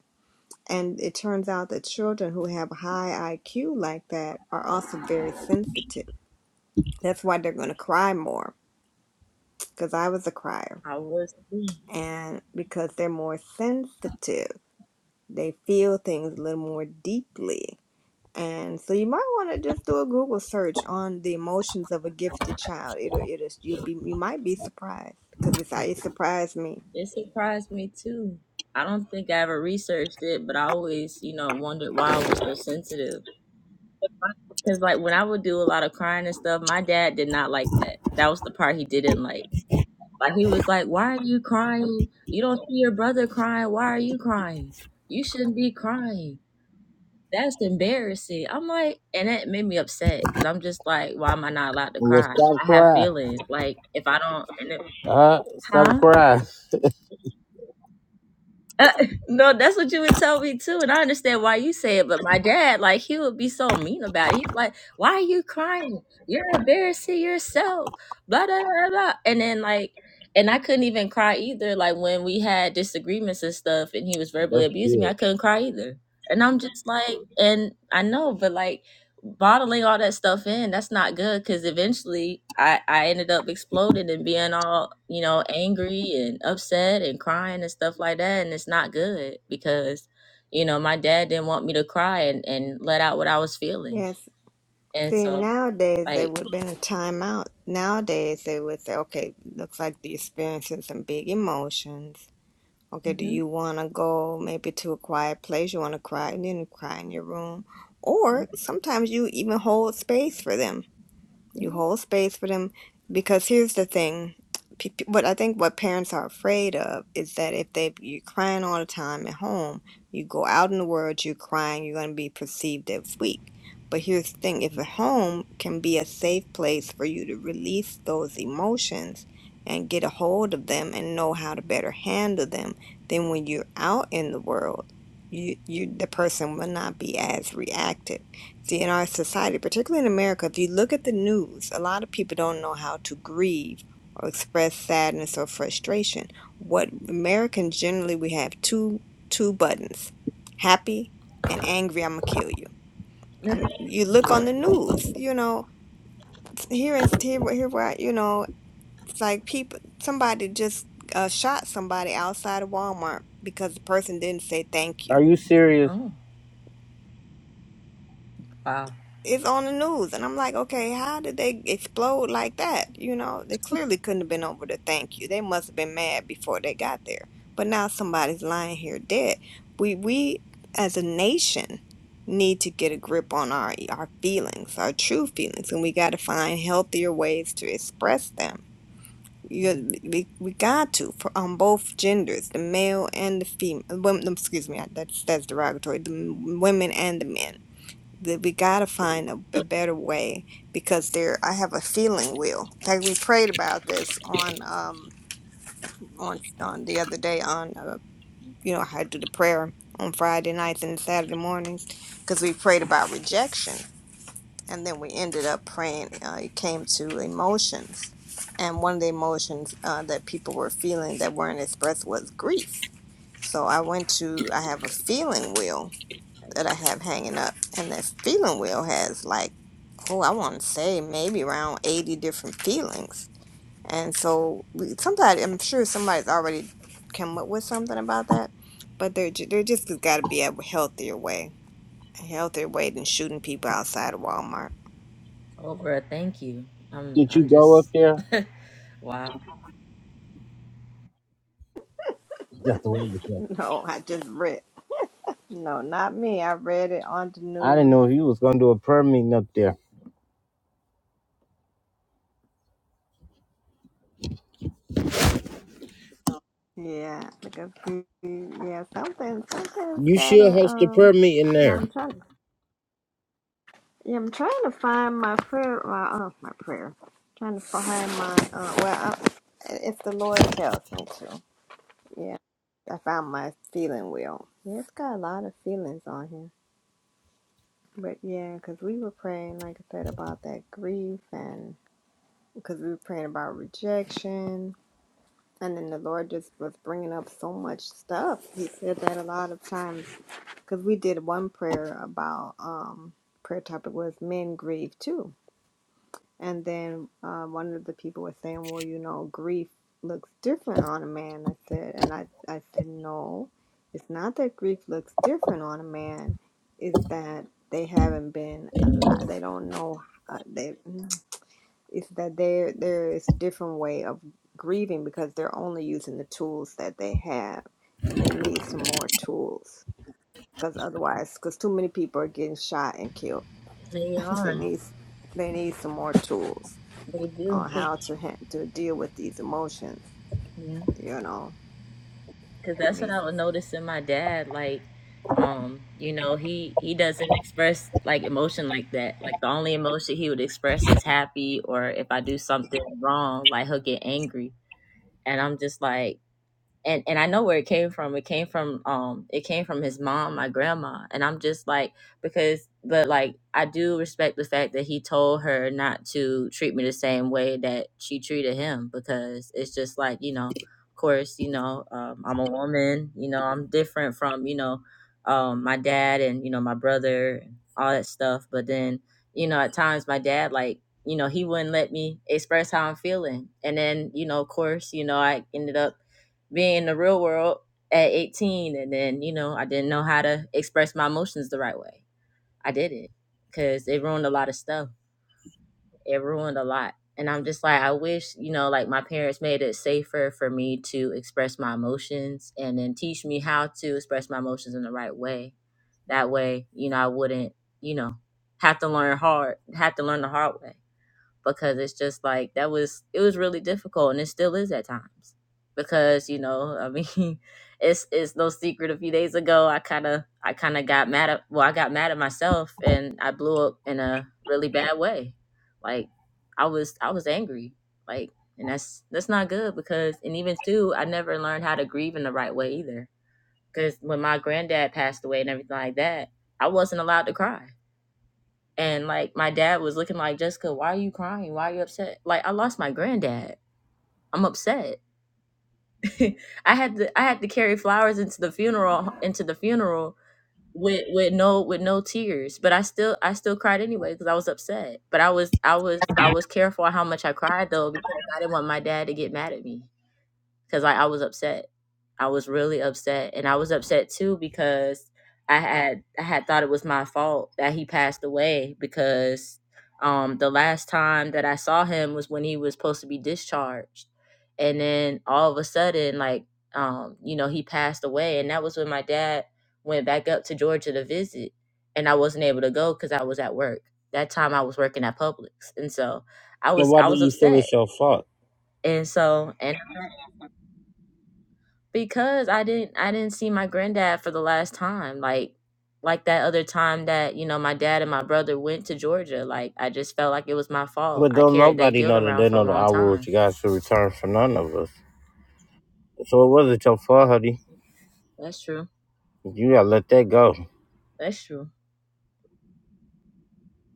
S4: and it turns out that children who have high IQ like that are also very sensitive. That's why they're going to cry more because I was a crier,
S3: I was too.
S4: and because they're more sensitive they feel things a little more deeply. And so you might want to just do a Google search on the emotions of a gifted child. It'll it'll you'll be you might be surprised because it's it surprised me.
S3: It surprised me too. I don't think I ever researched it, but I always, you know, wondered why I was so sensitive Because like when I would do a lot of crying and stuff, my dad did not like that. That was the part he didn't like. Like he was like, "Why are you crying? You don't see your brother crying. Why are you crying? You shouldn't be crying. That's embarrassing." I'm like, and that made me upset because I'm just like, "Why am I not allowed to
S1: well,
S3: cry?
S1: stop
S3: I have
S1: crying.
S3: feelings. Like if I don't, and it,
S1: Uh, stop
S3: huh?"
S1: crying.
S3: Uh, no, that's what you would tell me too, and I understand why you say it. But my dad, like, he would be so mean about it. He's like, "Why are you crying? You're embarrassing yourself." Blah blah blah. blah. And then like, and I couldn't even cry either. Like when we had disagreements and stuff, and he was verbally
S1: That's
S3: abusing me,
S1: good.
S3: I couldn't cry either. And I'm just like, and I know, but like bottling all that stuff in that's not good because eventually i i ended up exploding and being all you know angry and upset and crying and stuff like that and it's not good because you know my dad didn't want me to cry and, and let out what i was feeling
S4: Yes.
S3: and
S4: See
S3: so
S4: nowadays they
S3: like
S4: would have been a timeout. Nowadays they would say, okay, looks like you're experiencing some big emotions. Okay, do
S3: hmm
S4: you want to go maybe to a quiet place? You want to cry and then cry in your room, or sometimes you even hold space for them You hold space for them because here's the thing. P- p- What I think what parents are afraid of is that if they you're crying all the time at home, you go out in the world, you're crying, you're going to be perceived as weak. But here's the thing: if a home can be a safe place for you to release those emotions and get a hold of them and know how to better handle them, then when you're out in the world, you you the person will not be as reactive See, in our society, particularly in America, if you look at the news, a lot of people don't know how to grieve or express sadness or frustration. What Americans generally we have two two buttons, happy and angry. I'm gonna kill you. I mean, you look on the news, you know, here and here, here, where I- you know, it's like people, somebody just uh, shot somebody outside of Walmart because the person didn't say thank you
S1: Are you serious?
S3: oh wow
S4: is on the news. And I'm like, okay, how did they explode like that? You know, they clearly couldn't have been over to thank you. They must have been mad before they got there. But now somebody's lying here dead. We we as a nation need to get a grip on our our feelings, our true feelings, and we got to find healthier ways to express them. You, we, we got to for on both genders, the male and the female. excuse me, that's that's derogatory. The women and the men that we got to find a, a better way because there I have a feeling will like we prayed about this on um on on the other day on uh, you know I do the prayer on Friday nights and Saturday mornings because we prayed about rejection and then we ended up praying uh, it came to emotions and one of the emotions uh, that people were feeling that weren't expressed was grief so I went to I have a feeling wheel that I have hanging up, and that feeling wheel has like, oh, I want to say maybe around eighty different feelings, and so we, somebody, I'm sure somebody's already come up with something about that, but there, ju- there just got to be a healthier way, a healthier way than shooting people outside of Walmart.
S3: oprah thank you i'm
S1: Did
S3: i'm
S1: you go up
S3: just
S1: there?
S3: wow
S1: That's the wonderful.
S4: No, I just read. No, not me. I read it on the
S1: I didn't
S4: news.
S1: know if you was gonna do a prayer meeting up there.
S4: Yeah, like a yeah, something, something's
S1: You should
S4: gotta
S1: host a prayer
S4: um.
S1: meeting
S4: now
S1: there.
S4: I'm trying Yeah, I'm trying to find my prayer. My uh, my prayer. Trying to find my uh. Well, I, if the Lord tells me to. Yeah, I found my feeling wheel. Yeah, it's got a lot of feelings on here. But yeah, because we were praying, like I said, about that grief, and because we were praying about rejection, and then the Lord just was bringing up so much stuff. He said that a lot of times because we did one prayer about um prayer topic was men grieve too And then um, one of the people was saying, "Well, you know, grief looks different on a man." I said, and I I said, "No, it's not that grief looks different on a man. It's that they haven't been a lot. They don't know. Uh, they it's that there there is a different way of grieving because they're only using the tools that they have, and they need some more tools because otherwise, because too many people are getting shot and killed.
S3: they
S4: they
S3: are
S4: need they need some more tools."
S3: they do
S4: on how to ha- to deal with these emotions.
S3: yeah
S4: You know,
S3: Cause
S4: they
S3: that's what
S4: need.
S3: I
S4: some.
S3: was noticing. My dad, like, um, you know, he he doesn't express like emotion like that. Like the only emotion he would express is happy, or if I do something wrong, like he'll get angry. And I'm just like, and and I know where it came from. It came from um it came from his mom, my grandma. And I'm just like because but like I do respect the fact that he told her not to treat me the same way that she treated him because it's just like, you know, of course, you know, um, I'm a woman, you know, I'm different from, you know, um my dad and, you know, my brother and all that stuff. But then, you know, at times my dad like you know, he wouldn't let me express how I'm feeling. And then, you know, of course, you know, I ended up being in the real world at 18 and then you know i didn't know how to express my emotions the right way i didn't because it ruined a lot of stuff it ruined a lot and i'm just like i wish you know like my parents made it safer for me to express my emotions and then teach me how to express my emotions in the right way that way you know i wouldn't you know have to learn hard have to learn the hard way because it's just like that was it was really difficult and it still is at times because you know i mean it's it's no secret a few days ago i kind of i kind of got mad at well i got mad at myself and i blew up in a really bad way like i was i was angry like and that's that's not good because and even too i never learned how to grieve in the right way either because when my granddad passed away and everything like that i wasn't allowed to cry and like my dad was looking like, Jessica, why are you crying? Why are you upset? Like I lost my granddad. I'm upset. I had to I had to carry flowers into the funeral into the funeral with with no with no tears. But I still I still cried anyway because I was upset. But I was I was I was careful how much I cried though because I didn't want my dad to get mad at me because like I was upset. I was really upset, and I was upset too because I had I had thought it was my fault that he passed away because um the last time that I saw him was when he was supposed to be discharged, and then all of a sudden like um you know he passed away, and that was when my dad went back up to Georgia to visit, and I wasn't able to go because I was at work. That time I was working at Publix, and so I
S1: But
S3: was
S1: why
S3: I
S1: do
S3: was
S1: you feel
S3: upset,
S1: it's your fault?
S3: and so and because I didn't I didn't see my granddad for the last time like like that other time that you know my dad and my brother went to Georgia like I just felt like it was my fault.
S1: But
S3: I
S1: don't
S3: carried that
S1: nobody
S3: guilt
S1: know that
S3: around
S1: they
S3: for a
S1: know the
S3: long
S1: hour
S3: time.
S1: which God should return for none of us. So it wasn't your fault, honey.
S3: That's true.
S1: You gotta let that go.
S3: That's true.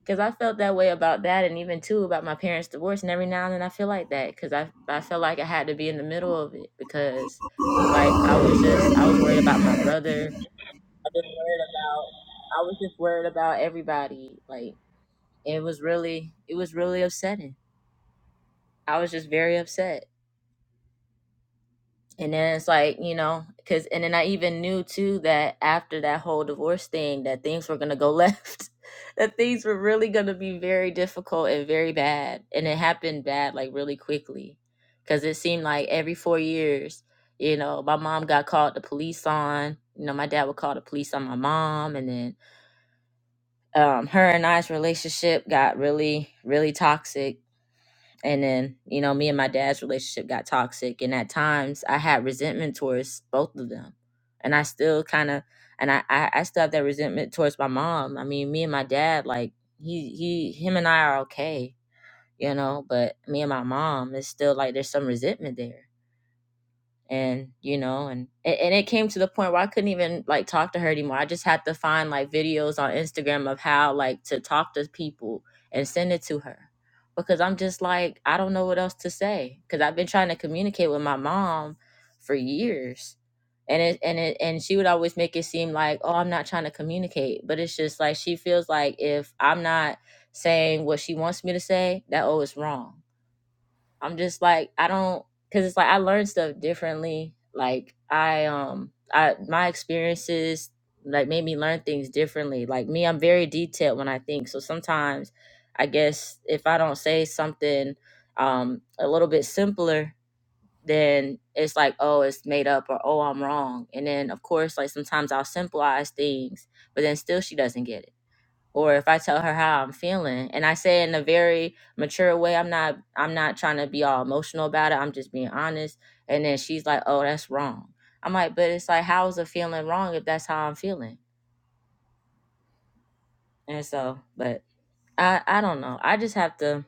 S3: Cuz I felt that way about that and even too about my parents divorce and every now and then I feel like that cuz I I felt like I had to be in the middle of it because like I was just I was worried about my brother. I was worried about I was just worried about everybody like it was really it was really upsetting I was just very upset. And then it's like, you know, because, and then I even knew too that after that whole divorce thing, that things were going to go left, that things were really going to be very difficult and very bad. And it happened bad, like really quickly. Because it seemed like every four years, you know, my mom got called the police on. You know, my dad would call the police on my mom. And then um, her and I's relationship got really, really toxic and then you know me and my dad's relationship got toxic and at times i had resentment towards both of them and i still kind of and I, I i still have that resentment towards my mom i mean me and my dad like he he him and i are okay you know but me and my mom it's still like there's some resentment there and you know and a- and it came to the point where i couldn't even like talk to her anymore i just had to find like videos on instagram of how like to talk to people and send it to her because i'm just like i don't know what else to say because i've been trying to communicate with my mom for years and it and it and she would always make it seem like oh i'm not trying to communicate but it's just like she feels like if i'm not saying what she wants me to say that oh it's wrong I'm just like I don't cuz it's like I learn stuff differently. Like I um I my experiences like made me learn things differently. Like me, I'm very detailed when I think. So sometimes I guess if I don't say something um a little bit simpler, then it's like, oh, it's made up or oh, I'm wrong. And then of course, like sometimes I'll simplify things, but then still she doesn't get it or if I tell her how I'm feeling and I say in a very mature way, I'm not I'm not trying to be all emotional about it. I'm just being honest. And then she's like, "Oh, that's wrong." I'm like, "But it's like how is a feeling wrong if that's how I'm feeling?" And so, but I I don't know. I just have to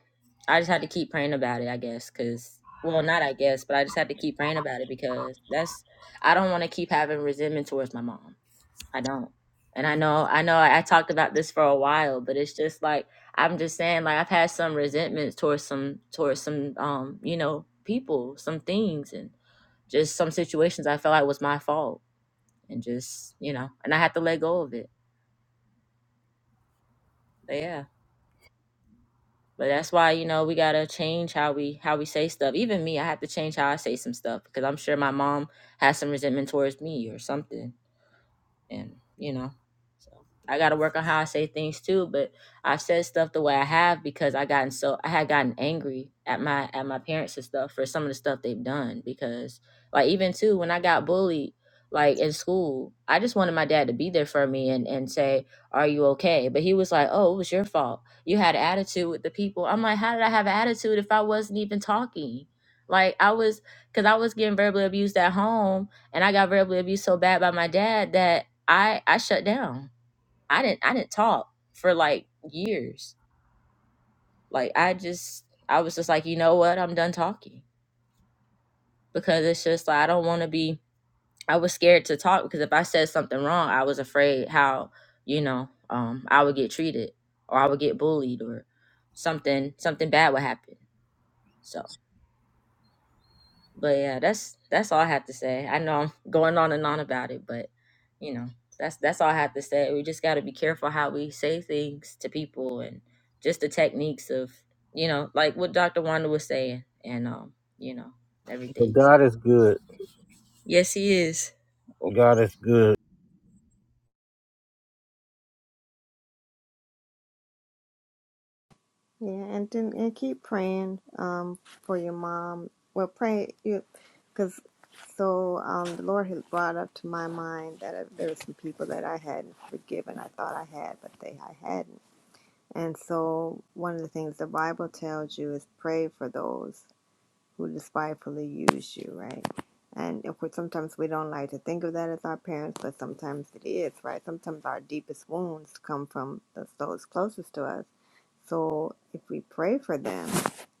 S3: I just had to keep praying about it, I guess, cuz well, not I guess, but I just had to keep praying about it because that's I don't want to keep having resentment towards my mom. I don't. And I know, I know I, I talked about this for a while, but it's just like I'm just saying like I've had some resentments towards some towards some um, you know, people, some things and just some situations I felt like was my fault and just, you know, and I had to let go of it. But yeah. But that's why, you know, we gotta change how we how we say stuff. Even me, I have to change how I say some stuff because I'm sure my mom has some resentment towards me or something and you know so i got to work on how i say things too but i've said stuff the way i have because i gotten so i had gotten angry at my at my parents and stuff for some of the stuff they've done because like even too when i got bullied like in school i just wanted my dad to be there for me and and say are you okay but he was like oh it was your fault you had an attitude with the people i'm like how did i have an attitude if i wasn't even talking like i was because i was getting verbally abused at home and I got verbally abused so bad by my dad that I I shut down. I didn't I didn't talk for like years. Like I just I was just like, you know what? I'm done talking because it's just like I don't want to be I was scared to talk because if I said something wrong, I was afraid how, you know, um I would get treated or I would get bullied or something something bad would happen. So. But yeah, that's that's all I have to say. I know I'm going on and on about it, but you know, that's that's all I have to say. We just got to be careful how we say things to people and just the techniques of, you know, like what Dr. Wanda was saying and um, you know,
S1: But
S3: everything. So,
S1: God is good.
S3: Yes, he is.
S1: God is good.
S4: Yeah, and then and keep praying um for your mom. Well, pray you, because so um the Lord has brought up to my mind that uh, there were some people that I hadn't forgiven. I thought I had, but they I hadn't. And so one of the things the Bible tells you is pray for those who despitefully use you, right? And of course, sometimes we don't like to think of that as our parents, but sometimes it is, right? Sometimes our deepest wounds come from the, those closest to us. So if we pray for them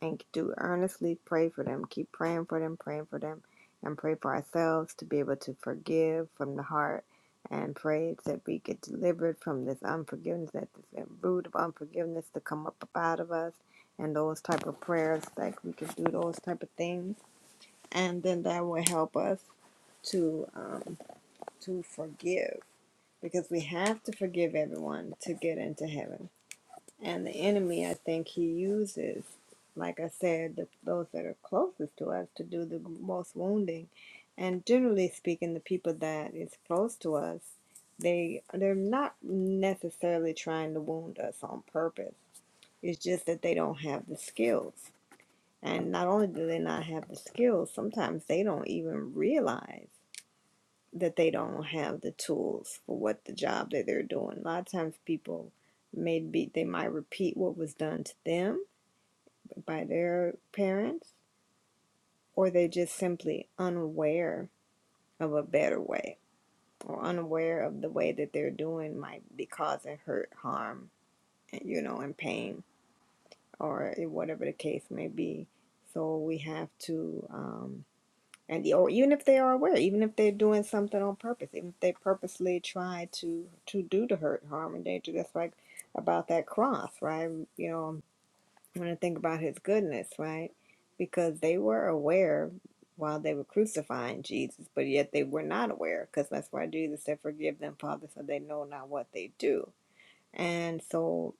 S4: and do earnestly pray for them, keep praying for them, praying for them, and pray for ourselves to be able to forgive from the heart and pray that we get delivered from this unforgiveness, that this root of unforgiveness to come up out of us and those type of prayers like we can do those type of things and then that will help us to um to forgive because we have to forgive everyone to get into heaven and the enemy i think he uses like i said the, those that are closest to us to do the most wounding and generally speaking the people that is close to us they they're not necessarily trying to wound us on purpose it's just that they don't have the skills and not only do they not have the skills, sometimes they don't even realize that they don't have the tools for what the job that they're doing. A lot of times people may be they might repeat what was done to them by their parents, or they're just simply unaware of a better way or unaware of the way that they're doing might be causing hurt, harm, and you know, and pain or whatever the case may be. So we have to um and or even if they are aware, even if they're doing something on purpose, even if they purposely try to to do to hurt, harm, and danger. That's like about that cross, right? You know, when I think about His goodness, right? Because they were aware while they were crucifying Jesus, but yet they were not aware, because that's why Jesus said, "Forgive them, Father, so they know not what they do." And so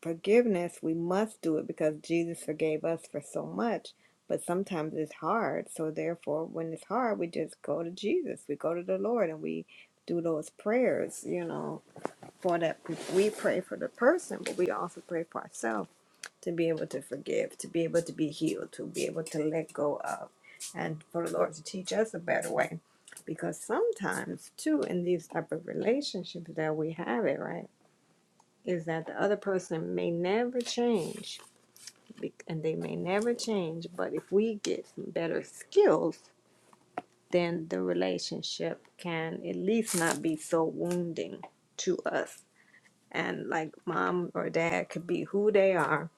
S4: forgiveness, we must do it because Jesus forgave us for so much. But sometimes it's hard. So, therefore, when it's hard, we just go to Jesus. We go to the Lord and we do those prayers, you know, for that. We pray for the person, but we also pray for ourselves to be able to forgive, to be able to be healed, to be able to let go of, and for the Lord to teach us a better way. Because sometimes, too, in these type of relationships that we have it, right? is that the other person may never change and they may never change but if we get some better skills then the relationship can at least not be so wounding to us and like mom or dad could be who they are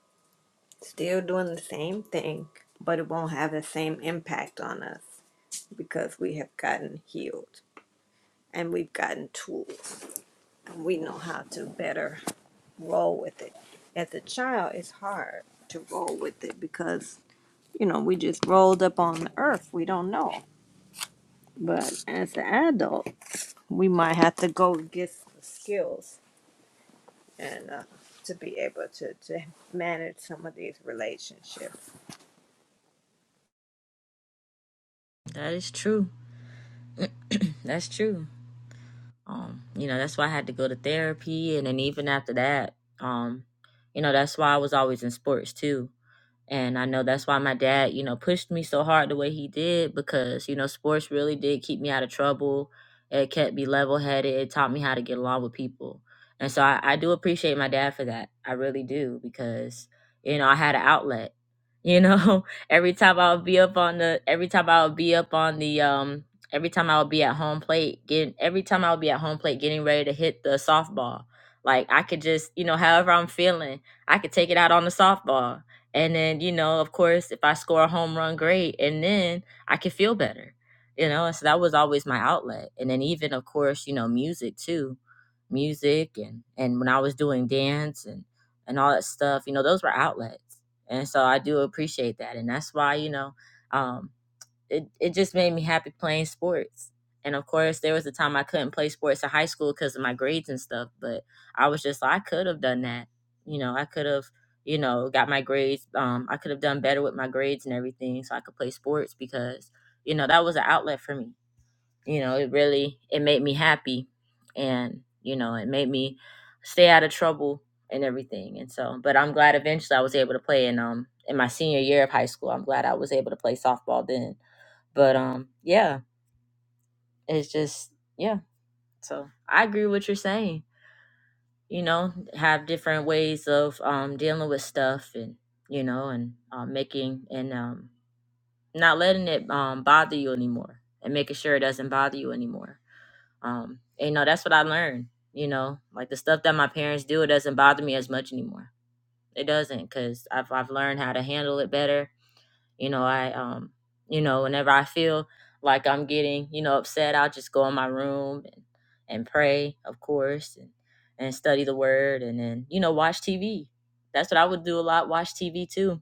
S4: still doing the same thing but it won't have the same impact on us because we have gotten healed and we've gotten tools and we know how to better roll with it. As a child, it's hard to roll with it because, you know, we just rolled up on the earth. We don't know. But as an adult, we might have to go get the skills and uh, to be able to, to manage some of these relationships.
S3: That is true. That's true. Um, you know, that's why I had to go to therapy and then even after that, um, you know, that's why I was always in sports too And I know that's why my dad, you know, pushed me so hard the way he did because, you know, sports really did keep me out of trouble. It kept me level headed. It taught me how to get along with people. And so I, I do appreciate my dad for that. I really do because, you know, I had an outlet. You know, every time I would be up on the, every time I would be up on the, um, every time I would be at home plate, getting, every time I would be at home plate getting ready to hit the softball, like I could just, you know, however I'm feeling, I could take it out on the softball and then, you know, of course, if I score a home run, great. And then I can feel better, you know? And so that was always my outlet. And then, even, of course, you know, music too music and, and when I was doing dance and, and all that stuff, you know, those were outlets. And so I do appreciate that. And that's why, you know, um, it, it just made me happy playing sports. And of course, there was a time I couldn't play sports in high school because of my grades and stuff, but I was just like, I could have done that. You know, I could have, you know, got my grades. Um, I could have done better with my grades and everything so I could play sports because, you know, that was an outlet for me. You know, it really, it made me happy and, you know, it made me stay out of trouble and everything. And so, but I'm glad eventually I was able to play in, um, in my senior year of high school. I'm glad I was able to play softball then but um, yeah, it's just yeah. So I agree with what you're saying. You know, have different ways of um dealing with stuff, and you know, and um, making and um not letting it um bother you anymore, and making sure it doesn't bother you anymore. Um, and, you know, that's what I learned. You know, like the stuff that my parents do, it doesn't bother me as much anymore. It doesn't, cause I've I've learned how to handle it better You know, I um, you know, whenever I feel like I'm getting, you know, upset, I'll just go in my room and, and pray, of course, and and study the word and then, you know, watch TV. That's what I would do a lot, watch TV too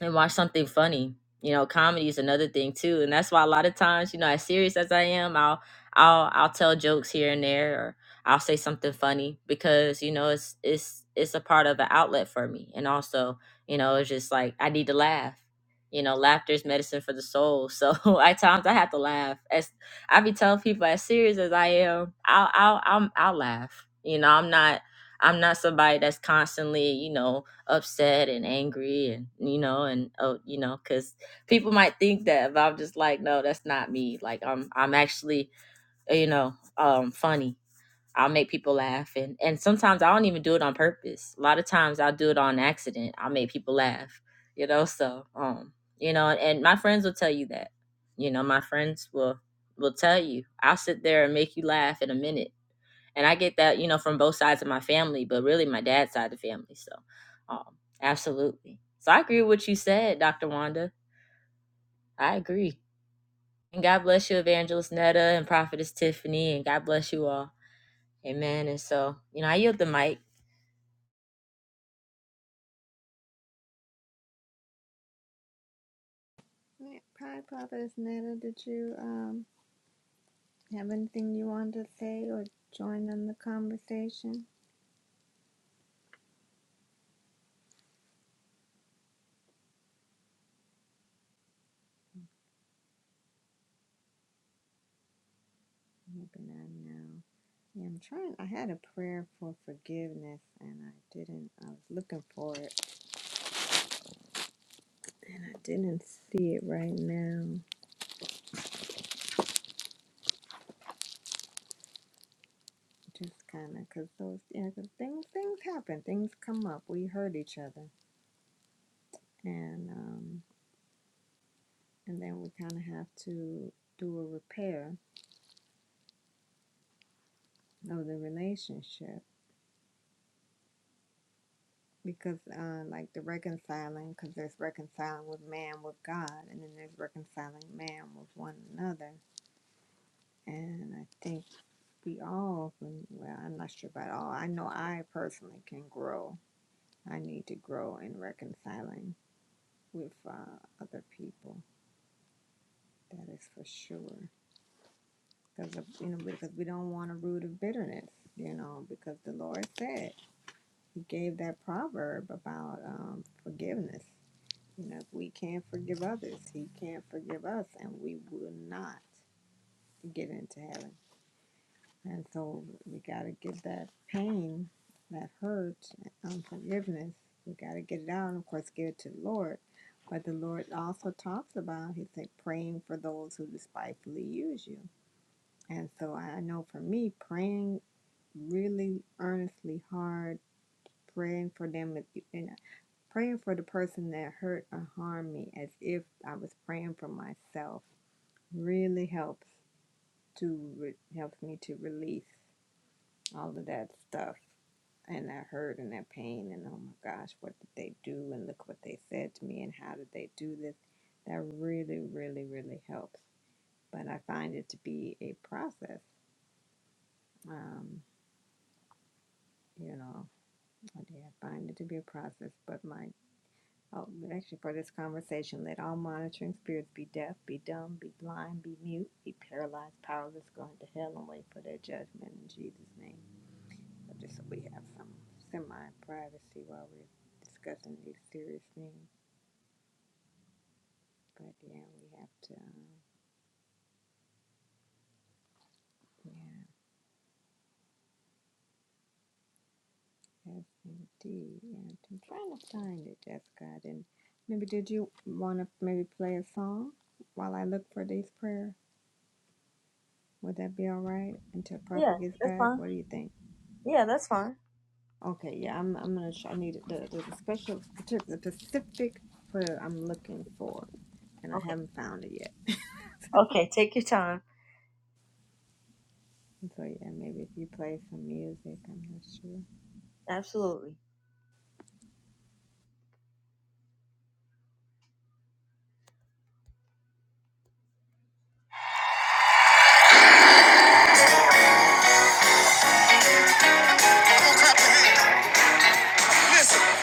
S3: and watch something funny. You know, comedy is another thing too, and that's why a lot of times, you know, as serious as I am, I'll I'll I'll tell jokes here and there, or I'll say something funny because you know it's it's it's a part of an outlet for me, and also you know it's just like I need to laugh. You know, laughter is medicine for the soul. So at times I have to laugh. As I be telling people, as serious as I am, I'll I'll I'll, I'll laugh. You know, I'm not I'm not somebody that's constantly you know upset and angry and you know and oh you know because people might think that but i'm just like no that's not me like i'm i'm actually uh, you know um funny i'll make people laugh and and sometimes i don't even do it on purpose a lot of times i'll do it on accident i'll make people laugh you know so um you know and my friends will tell you that you know my friends will will tell you i'll sit there and make you laugh in a minute and I get that, you know, from both sides of my family, but really my dad's side of the family. So, um, absolutely. So I agree with what you said, Dr. Wanda. I agree. And God bless you, Evangelist Netta and Prophetess Tiffany, and God bless you all. Amen. And so, you know, I yield the mic.
S4: Hi, Providence Netta. Did you um, have anything you wanted to say or join in the conversation? Maybe not now. Yeah, I'm trying. I had a prayer for forgiveness and I didn't. I was looking for it and I didn't see it right now. Just kind of because those, yeah, 'cause things, things happen. Things come up. We hurt each other. And, um, and then we kind of have to do a repair of the relationship because, uh, like the reconciling, because there's reconciling with man with God and then there's reconciling man with one another. And I think we all well i'm not sure about all i know i personally can grow i need to grow in reconciling with uh, other people that is for sure because you know because we don't want a root of bitterness you know because the lord said he gave that proverb about um, forgiveness you know if we can't forgive others he can't forgive us and we will not get into heaven And so we got to get that pain, that hurt, unforgiveness, we got to get it out and, of course, give it to the Lord. But the Lord also talks about, He said, praying for those who despitefully use you. And so I know for me, praying really earnestly hard, praying for them, you know, praying for the person that hurt or harmed me as if I was praying for myself really helps to helps me to release all of that stuff and that hurt and that pain and oh my gosh, what did they do and look what they said to me and how did they do this? That really, really, really helps. But I find it to be a process. Um, you know, I did find it to be a process. But my oh, actually for this conversation, let all monitoring spirits be deaf, be dumb, be blind, be mute, be paralyzed, powerless, going to hell and wait for their judgment in Jesus' name. So Just so we have some semi-privacy while we're discussing these serious things. But yeah, we have to, um, yeah, yes indeed. And I'm trying to find it, Jessica. I didn't, maybe did you want to maybe play a song while I look for these prayer? Would that be all right until
S3: Yeah,
S4: Prophet gets
S3: that's
S4: back?
S3: fine.
S4: What do you think?
S3: Yeah, that's fine.
S4: Okay, yeah, I'm, I'm gonna try, I need the, the special, the specific prayer I'm looking for, and I
S3: Okay.
S4: haven't found it yet.
S3: Okay, take your time.
S4: And So yeah, maybe if you play some music, I'm not sure.
S3: Absolutely. Listen,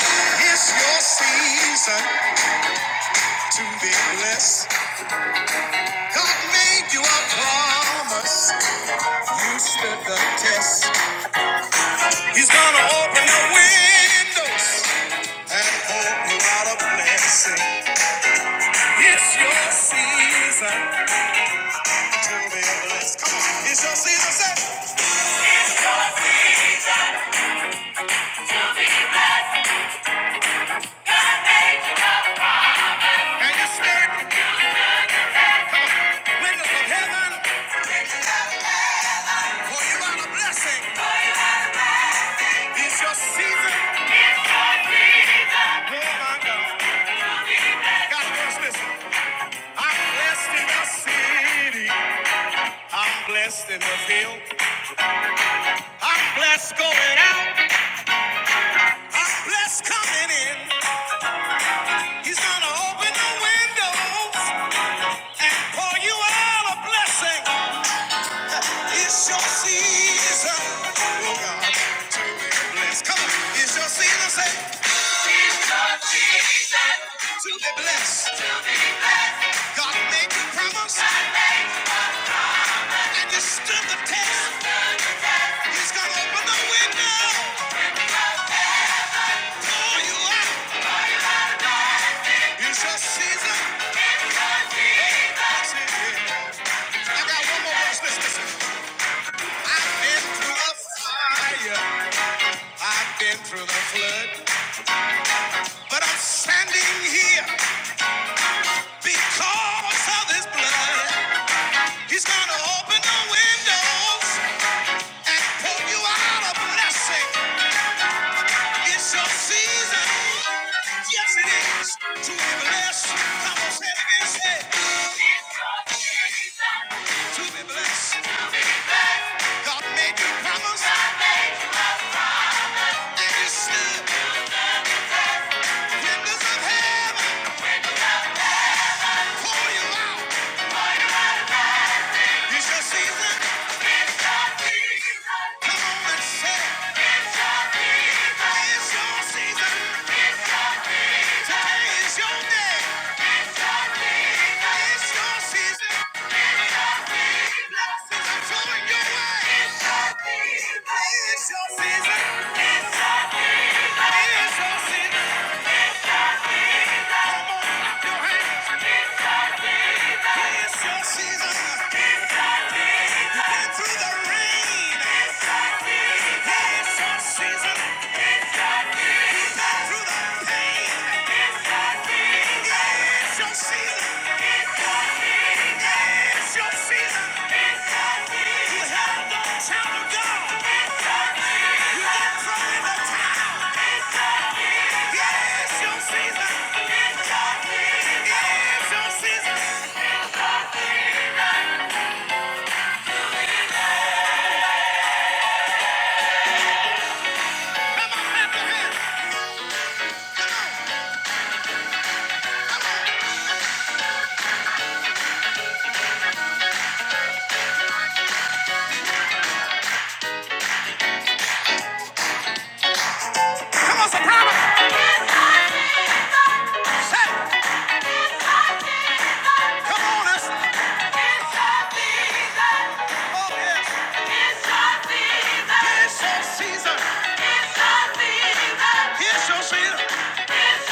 S3: it's your season to be blessed. God made you a promise. You stood the test. He's gonna open the windows and pour you out a blessing. It's your season to be blessed. Come on, it's your season, say. And you spirit, windows of heaven, pour you out a blessing. It's your season. Oh my God. God bless, listen. I'm blessed in the city. I'm blessed in the field. I'm blessed going out. I'm blessed coming in. He's gonna open the windows. For you all a blessing. It's your season. Oh, God, bless. Come on. It's your season, say, to be blessed. God made you promise. And you stood the test. He's going to open the window for you all. It's your season. I got one more verse. Listen, listen. I've been through the fire. I've been through the flood. But I'm standing here because of his blood. He's gonna open the windows and pour you out a blessing. It's your season. Yes, it is. To be blessed. Come on, say it again. Say, it. It's your season. to be blessed. God made you promise. And you stood. Windows of heaven pour you out. It's your season. Come on and say, it. it's your season. Today is your day. It's your season. It's your Season. You have the child of God. It's your season. Come on, clap Come on, soprano. come on, it's. Oh, yes. It's your season. It's your season. It's your season. It's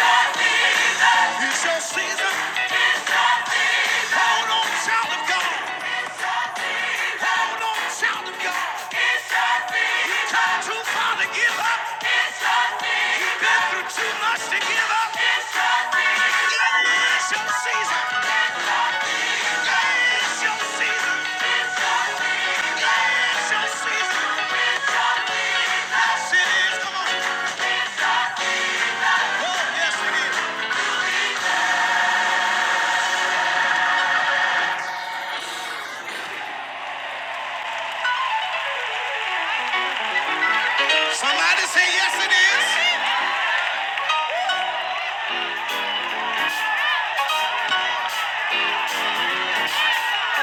S3: your season. It's your season. It's your season. It's your season. Hold on, child of God. It's Yeah, your season. Yeah, Yeah, Yes, it is. Come on. Oh, yes, it is. Somebody say yes, it is.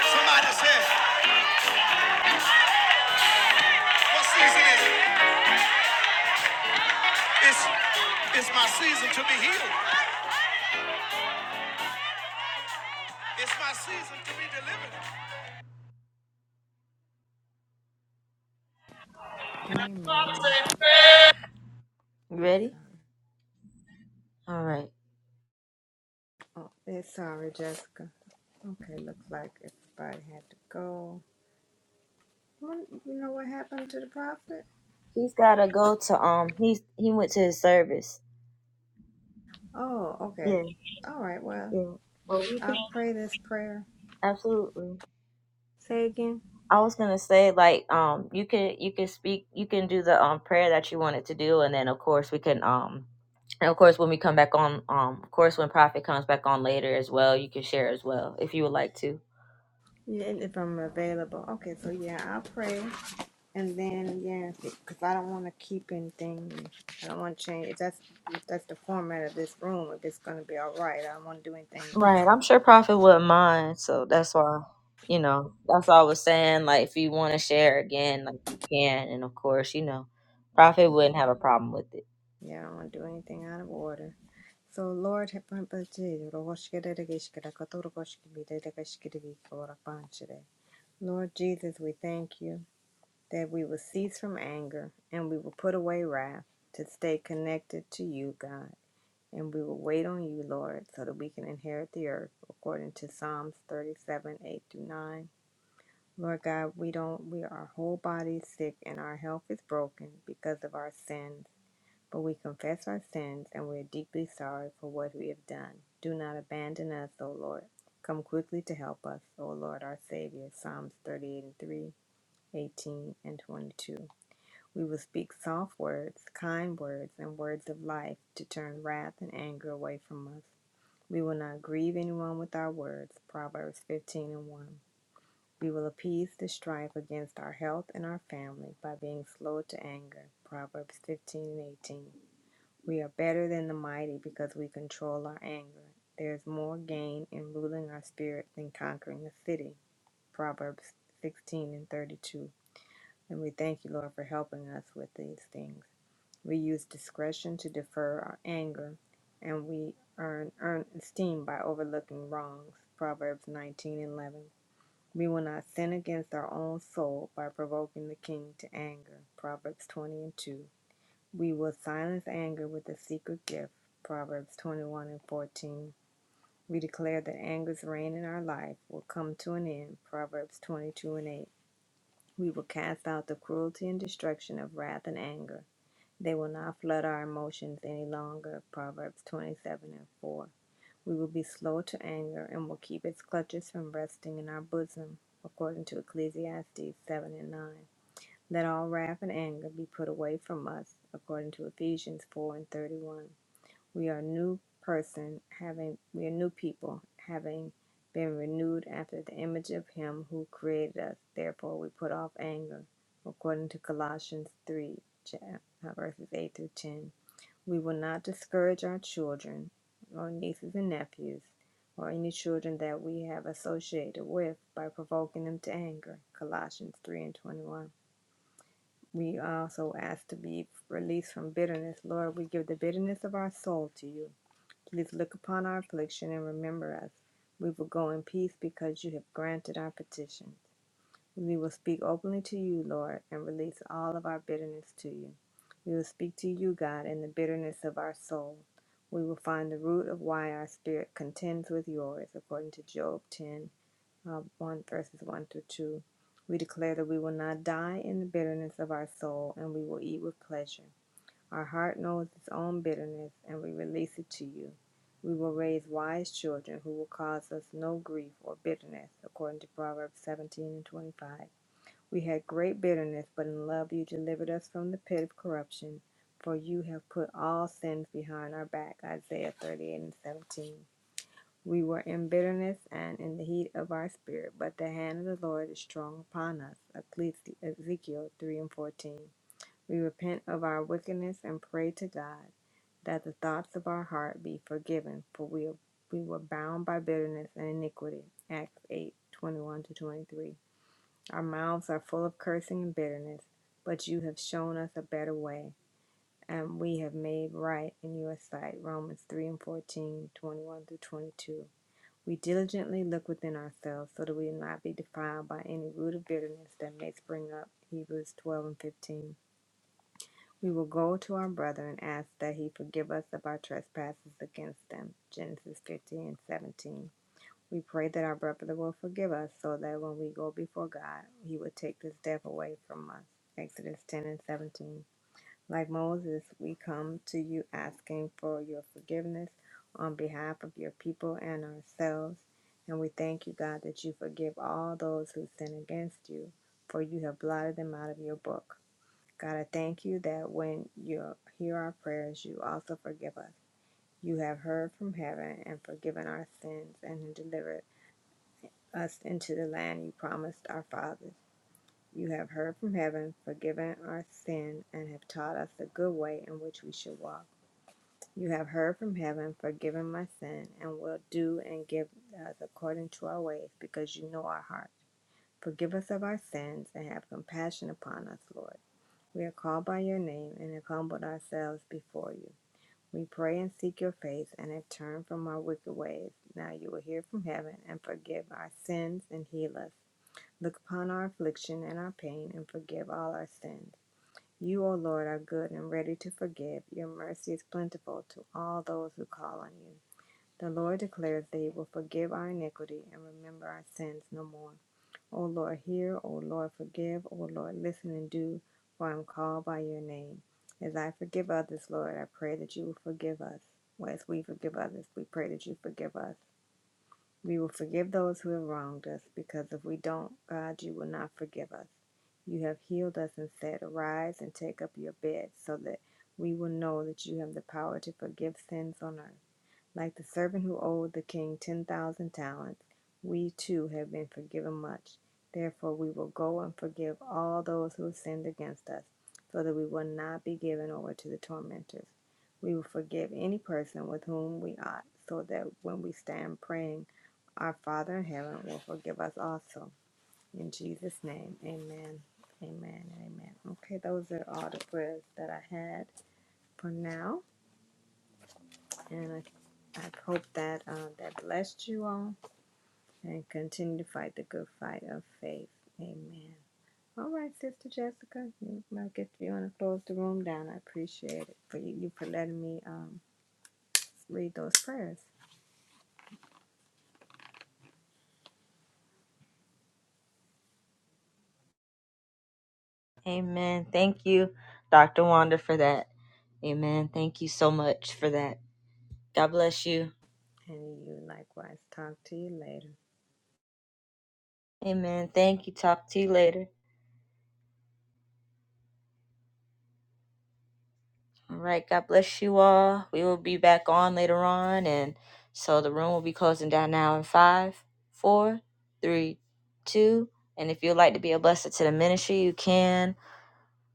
S3: Somebody say what season is It's it's my season to be healed. It's my season to be delivered.
S4: Amen.
S3: You
S4: I'm
S3: ready?
S4: sorry.
S3: All right.
S4: Oh, it's sorry, Jessica. Okay, looks like everybody had to go. What- You know what happened to the prophet?
S3: He's gotta go to um. He's he went to his service.
S4: Oh, okay.
S3: Yeah,
S4: All right, well,
S3: yeah. Well, we can
S4: I'll pray this prayer.
S3: absolutely.
S4: Say again?
S3: I was gonna say like um, you can you can speak you can do the um prayer that you wanted to do, and then of course we can um, and of course when we come back on um, of course when Prophet comes back on later as well, you can share as well if you would like to.
S4: Yeah, if I'm available. Okay, so yeah, I'll pray. And then, yeah, because I don't want to keep anything. I don't want to change. If that's, if that's the format of this room, if it's going to be all right, I don't want to do anything, you
S3: Right. I'm
S4: know.
S3: sure Prophet wouldn't mind. So that's why, you know, that's all I was saying. Like, if you want to share again, like, you can. And of course, you know, Prophet wouldn't have a problem with it.
S4: Yeah, yeah I don't want to do anything out of order. So Lord have mercy, Rogoshkerereshkere, Katorogoshkebedereshkere, Korabanshere. Lord Jesus, we thank you that we will cease from anger and we will put away wrath to stay connected to you, God. And we will wait on you, Lord, so that we can inherit the earth according to Psalms 37, 8 through 9. Lord God, we don't we our whole body is sick and our health is broken because of our sins. But we confess our sins, and we are deeply sorry for what we have done. Do not abandon us, O Lord. Come quickly to help us, O Lord our Savior. Psalms 38 and 3, eighteen and 22. We will speak soft words, kind words, and words of life to turn wrath and anger away from us. We will not grieve anyone with our words. Proverbs 15 and 1. We will appease the strife against our health and our family by being slow to anger. Proverbs 15 and 18. We are better than the mighty because we control our anger. There is more gain in ruling our spirit than conquering a city. Proverbs 16 and 32. And we thank you, Lord, for helping us with these things. We use discretion to defer our anger, and we earn, earn esteem by overlooking wrongs. Proverbs 19 and 11. We will not sin against our own soul by provoking the king to anger. Proverbs 20 and 2. We will silence anger with a secret gift. Proverbs 21 and 14. We declare that anger's reign in our life will come to an end. Proverbs 22 and 8. We will cast out the cruelty and destruction of wrath and anger. They will not flood our emotions any longer. Proverbs 27 and 4. We will be slow to anger and will keep its clutches from resting in our bosom. According to Ecclesiastes 7 and 9. Let all wrath and anger be put away from us, according to Ephesians 4 and 31. We are new person having we are new people, having been renewed after the image of him who created us. Therefore we put off anger, according to Colossians 3 chap- uh, verses 8 through 10. We will not discourage our children or nieces and nephews or any children that we have associated with by provoking them to anger. Colossians 3 and 21. We also ask to be released from bitterness. Lord, we give the bitterness of our soul to you. Please look upon our affliction and remember us. We will go in peace because you have granted our petition. We will speak openly to you, Lord, and release all of our bitterness to you. We will speak to you, God, in the bitterness of our soul. We will find the root of why our spirit contends with yours, according to Job ten uh, 1 verses 1 through 2. We declare that we will not die in the bitterness of our soul, and we will eat with pleasure. Our heart knows its own bitterness, and we release it to you. We will raise wise children who will cause us no grief or bitterness, according to Proverbs 17 and 25. We had great bitterness, but in love you delivered us from the pit of corruption, for you have put all sins behind our back, Isaiah 38 and 17. We were in bitterness and in the heat of our spirit, but the hand of the Lord is strong upon us. Ecclesi- Ezekiel 3 and 14. We repent of our wickedness and pray to God that the thoughts of our heart be forgiven, for we, we were bound by bitterness and iniquity. Acts 8 21 to 23. Our mouths are full of cursing and bitterness, but you have shown us a better way, and we have made right in your sight. Romans 3 and fourteen twenty one 21 through 22. We diligently look within ourselves so that we not be defiled by any root of bitterness that may spring up. Hebrews 12 and 15. We will go to our brother and ask that he forgive us of our trespasses against them. Genesis 15 and 17. We pray that our brother will forgive us so that when we go before God, he will take this death away from us. Exodus 10 and 17. Like Moses, we come to you asking for your forgiveness on behalf of your people and ourselves. And we thank you, God, that you forgive all those who sin against you, for you have blotted them out of your book. God, I thank you that when you hear our prayers, you also forgive us. You have heard from heaven and forgiven our sins and delivered us into the land you promised our fathers. You have heard from heaven, forgiven our sin, and have taught us the good way in which we should walk. You have heard from heaven, forgiven my sin, and will do and give us according to our ways, because you know our hearts. Forgive us of our sins and have compassion upon us, Lord. We are called by your name and have humbled ourselves before you. We pray and seek your face and have turned from our wicked ways. Now you will hear from heaven and forgive our sins and heal us. Look upon our affliction and our pain and forgive all our sins. You, O Lord, are good and ready to forgive. Your mercy is plentiful to all those who call on you. The Lord declares that He will forgive our iniquity and remember our sins no more. O Lord, hear. O Lord, forgive. O Lord, listen and do, for I am called by your name. As I forgive others, Lord, I pray that you will forgive us. Well, As we forgive others, we pray that you forgive us. We will forgive those who have wronged us, because if we don't, God, you will not forgive us. You have healed us and said, Arise and take up your bed, so that we will know that you have the power to forgive sins on earth. Like the servant who owed the king 10,000 talents, we too have been forgiven much. Therefore, we will go and forgive all those who have sinned against us, so that we will not be given over to the tormentors. We will forgive any person with whom we ought, so that when we stand praying, our Father in heaven will forgive us also. In Jesus' name, amen. Amen and amen. Okay, those are all the prayers that I had for now. And I, I hope that uh, that blessed you all and continue to fight the good fight of faith. Amen. All right, Sister Jessica, you might get you want to close the room down. I appreciate it for you, you for letting me um, read those prayers.
S3: Amen. Thank you, Dr. Wanda, for that. Amen. Thank you so much for that. God bless you.
S4: And you likewise. Talk to you later.
S3: Amen. Thank you. Talk to you later. All right. God bless you all. We will be back on later on. And so the room will be closing down now in five, four, three, two. And if you'd like to be a blessing to the ministry, you can.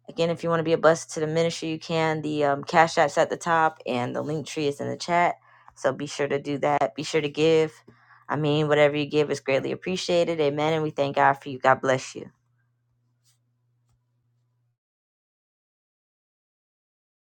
S3: Again, if you want to be a blessing to the ministry, you can. The um, Cash App's at the top and the link tree is in the chat. So be sure to do that. Be sure to give. I mean, whatever you give is greatly appreciated. Amen. And we thank God for you. God bless you.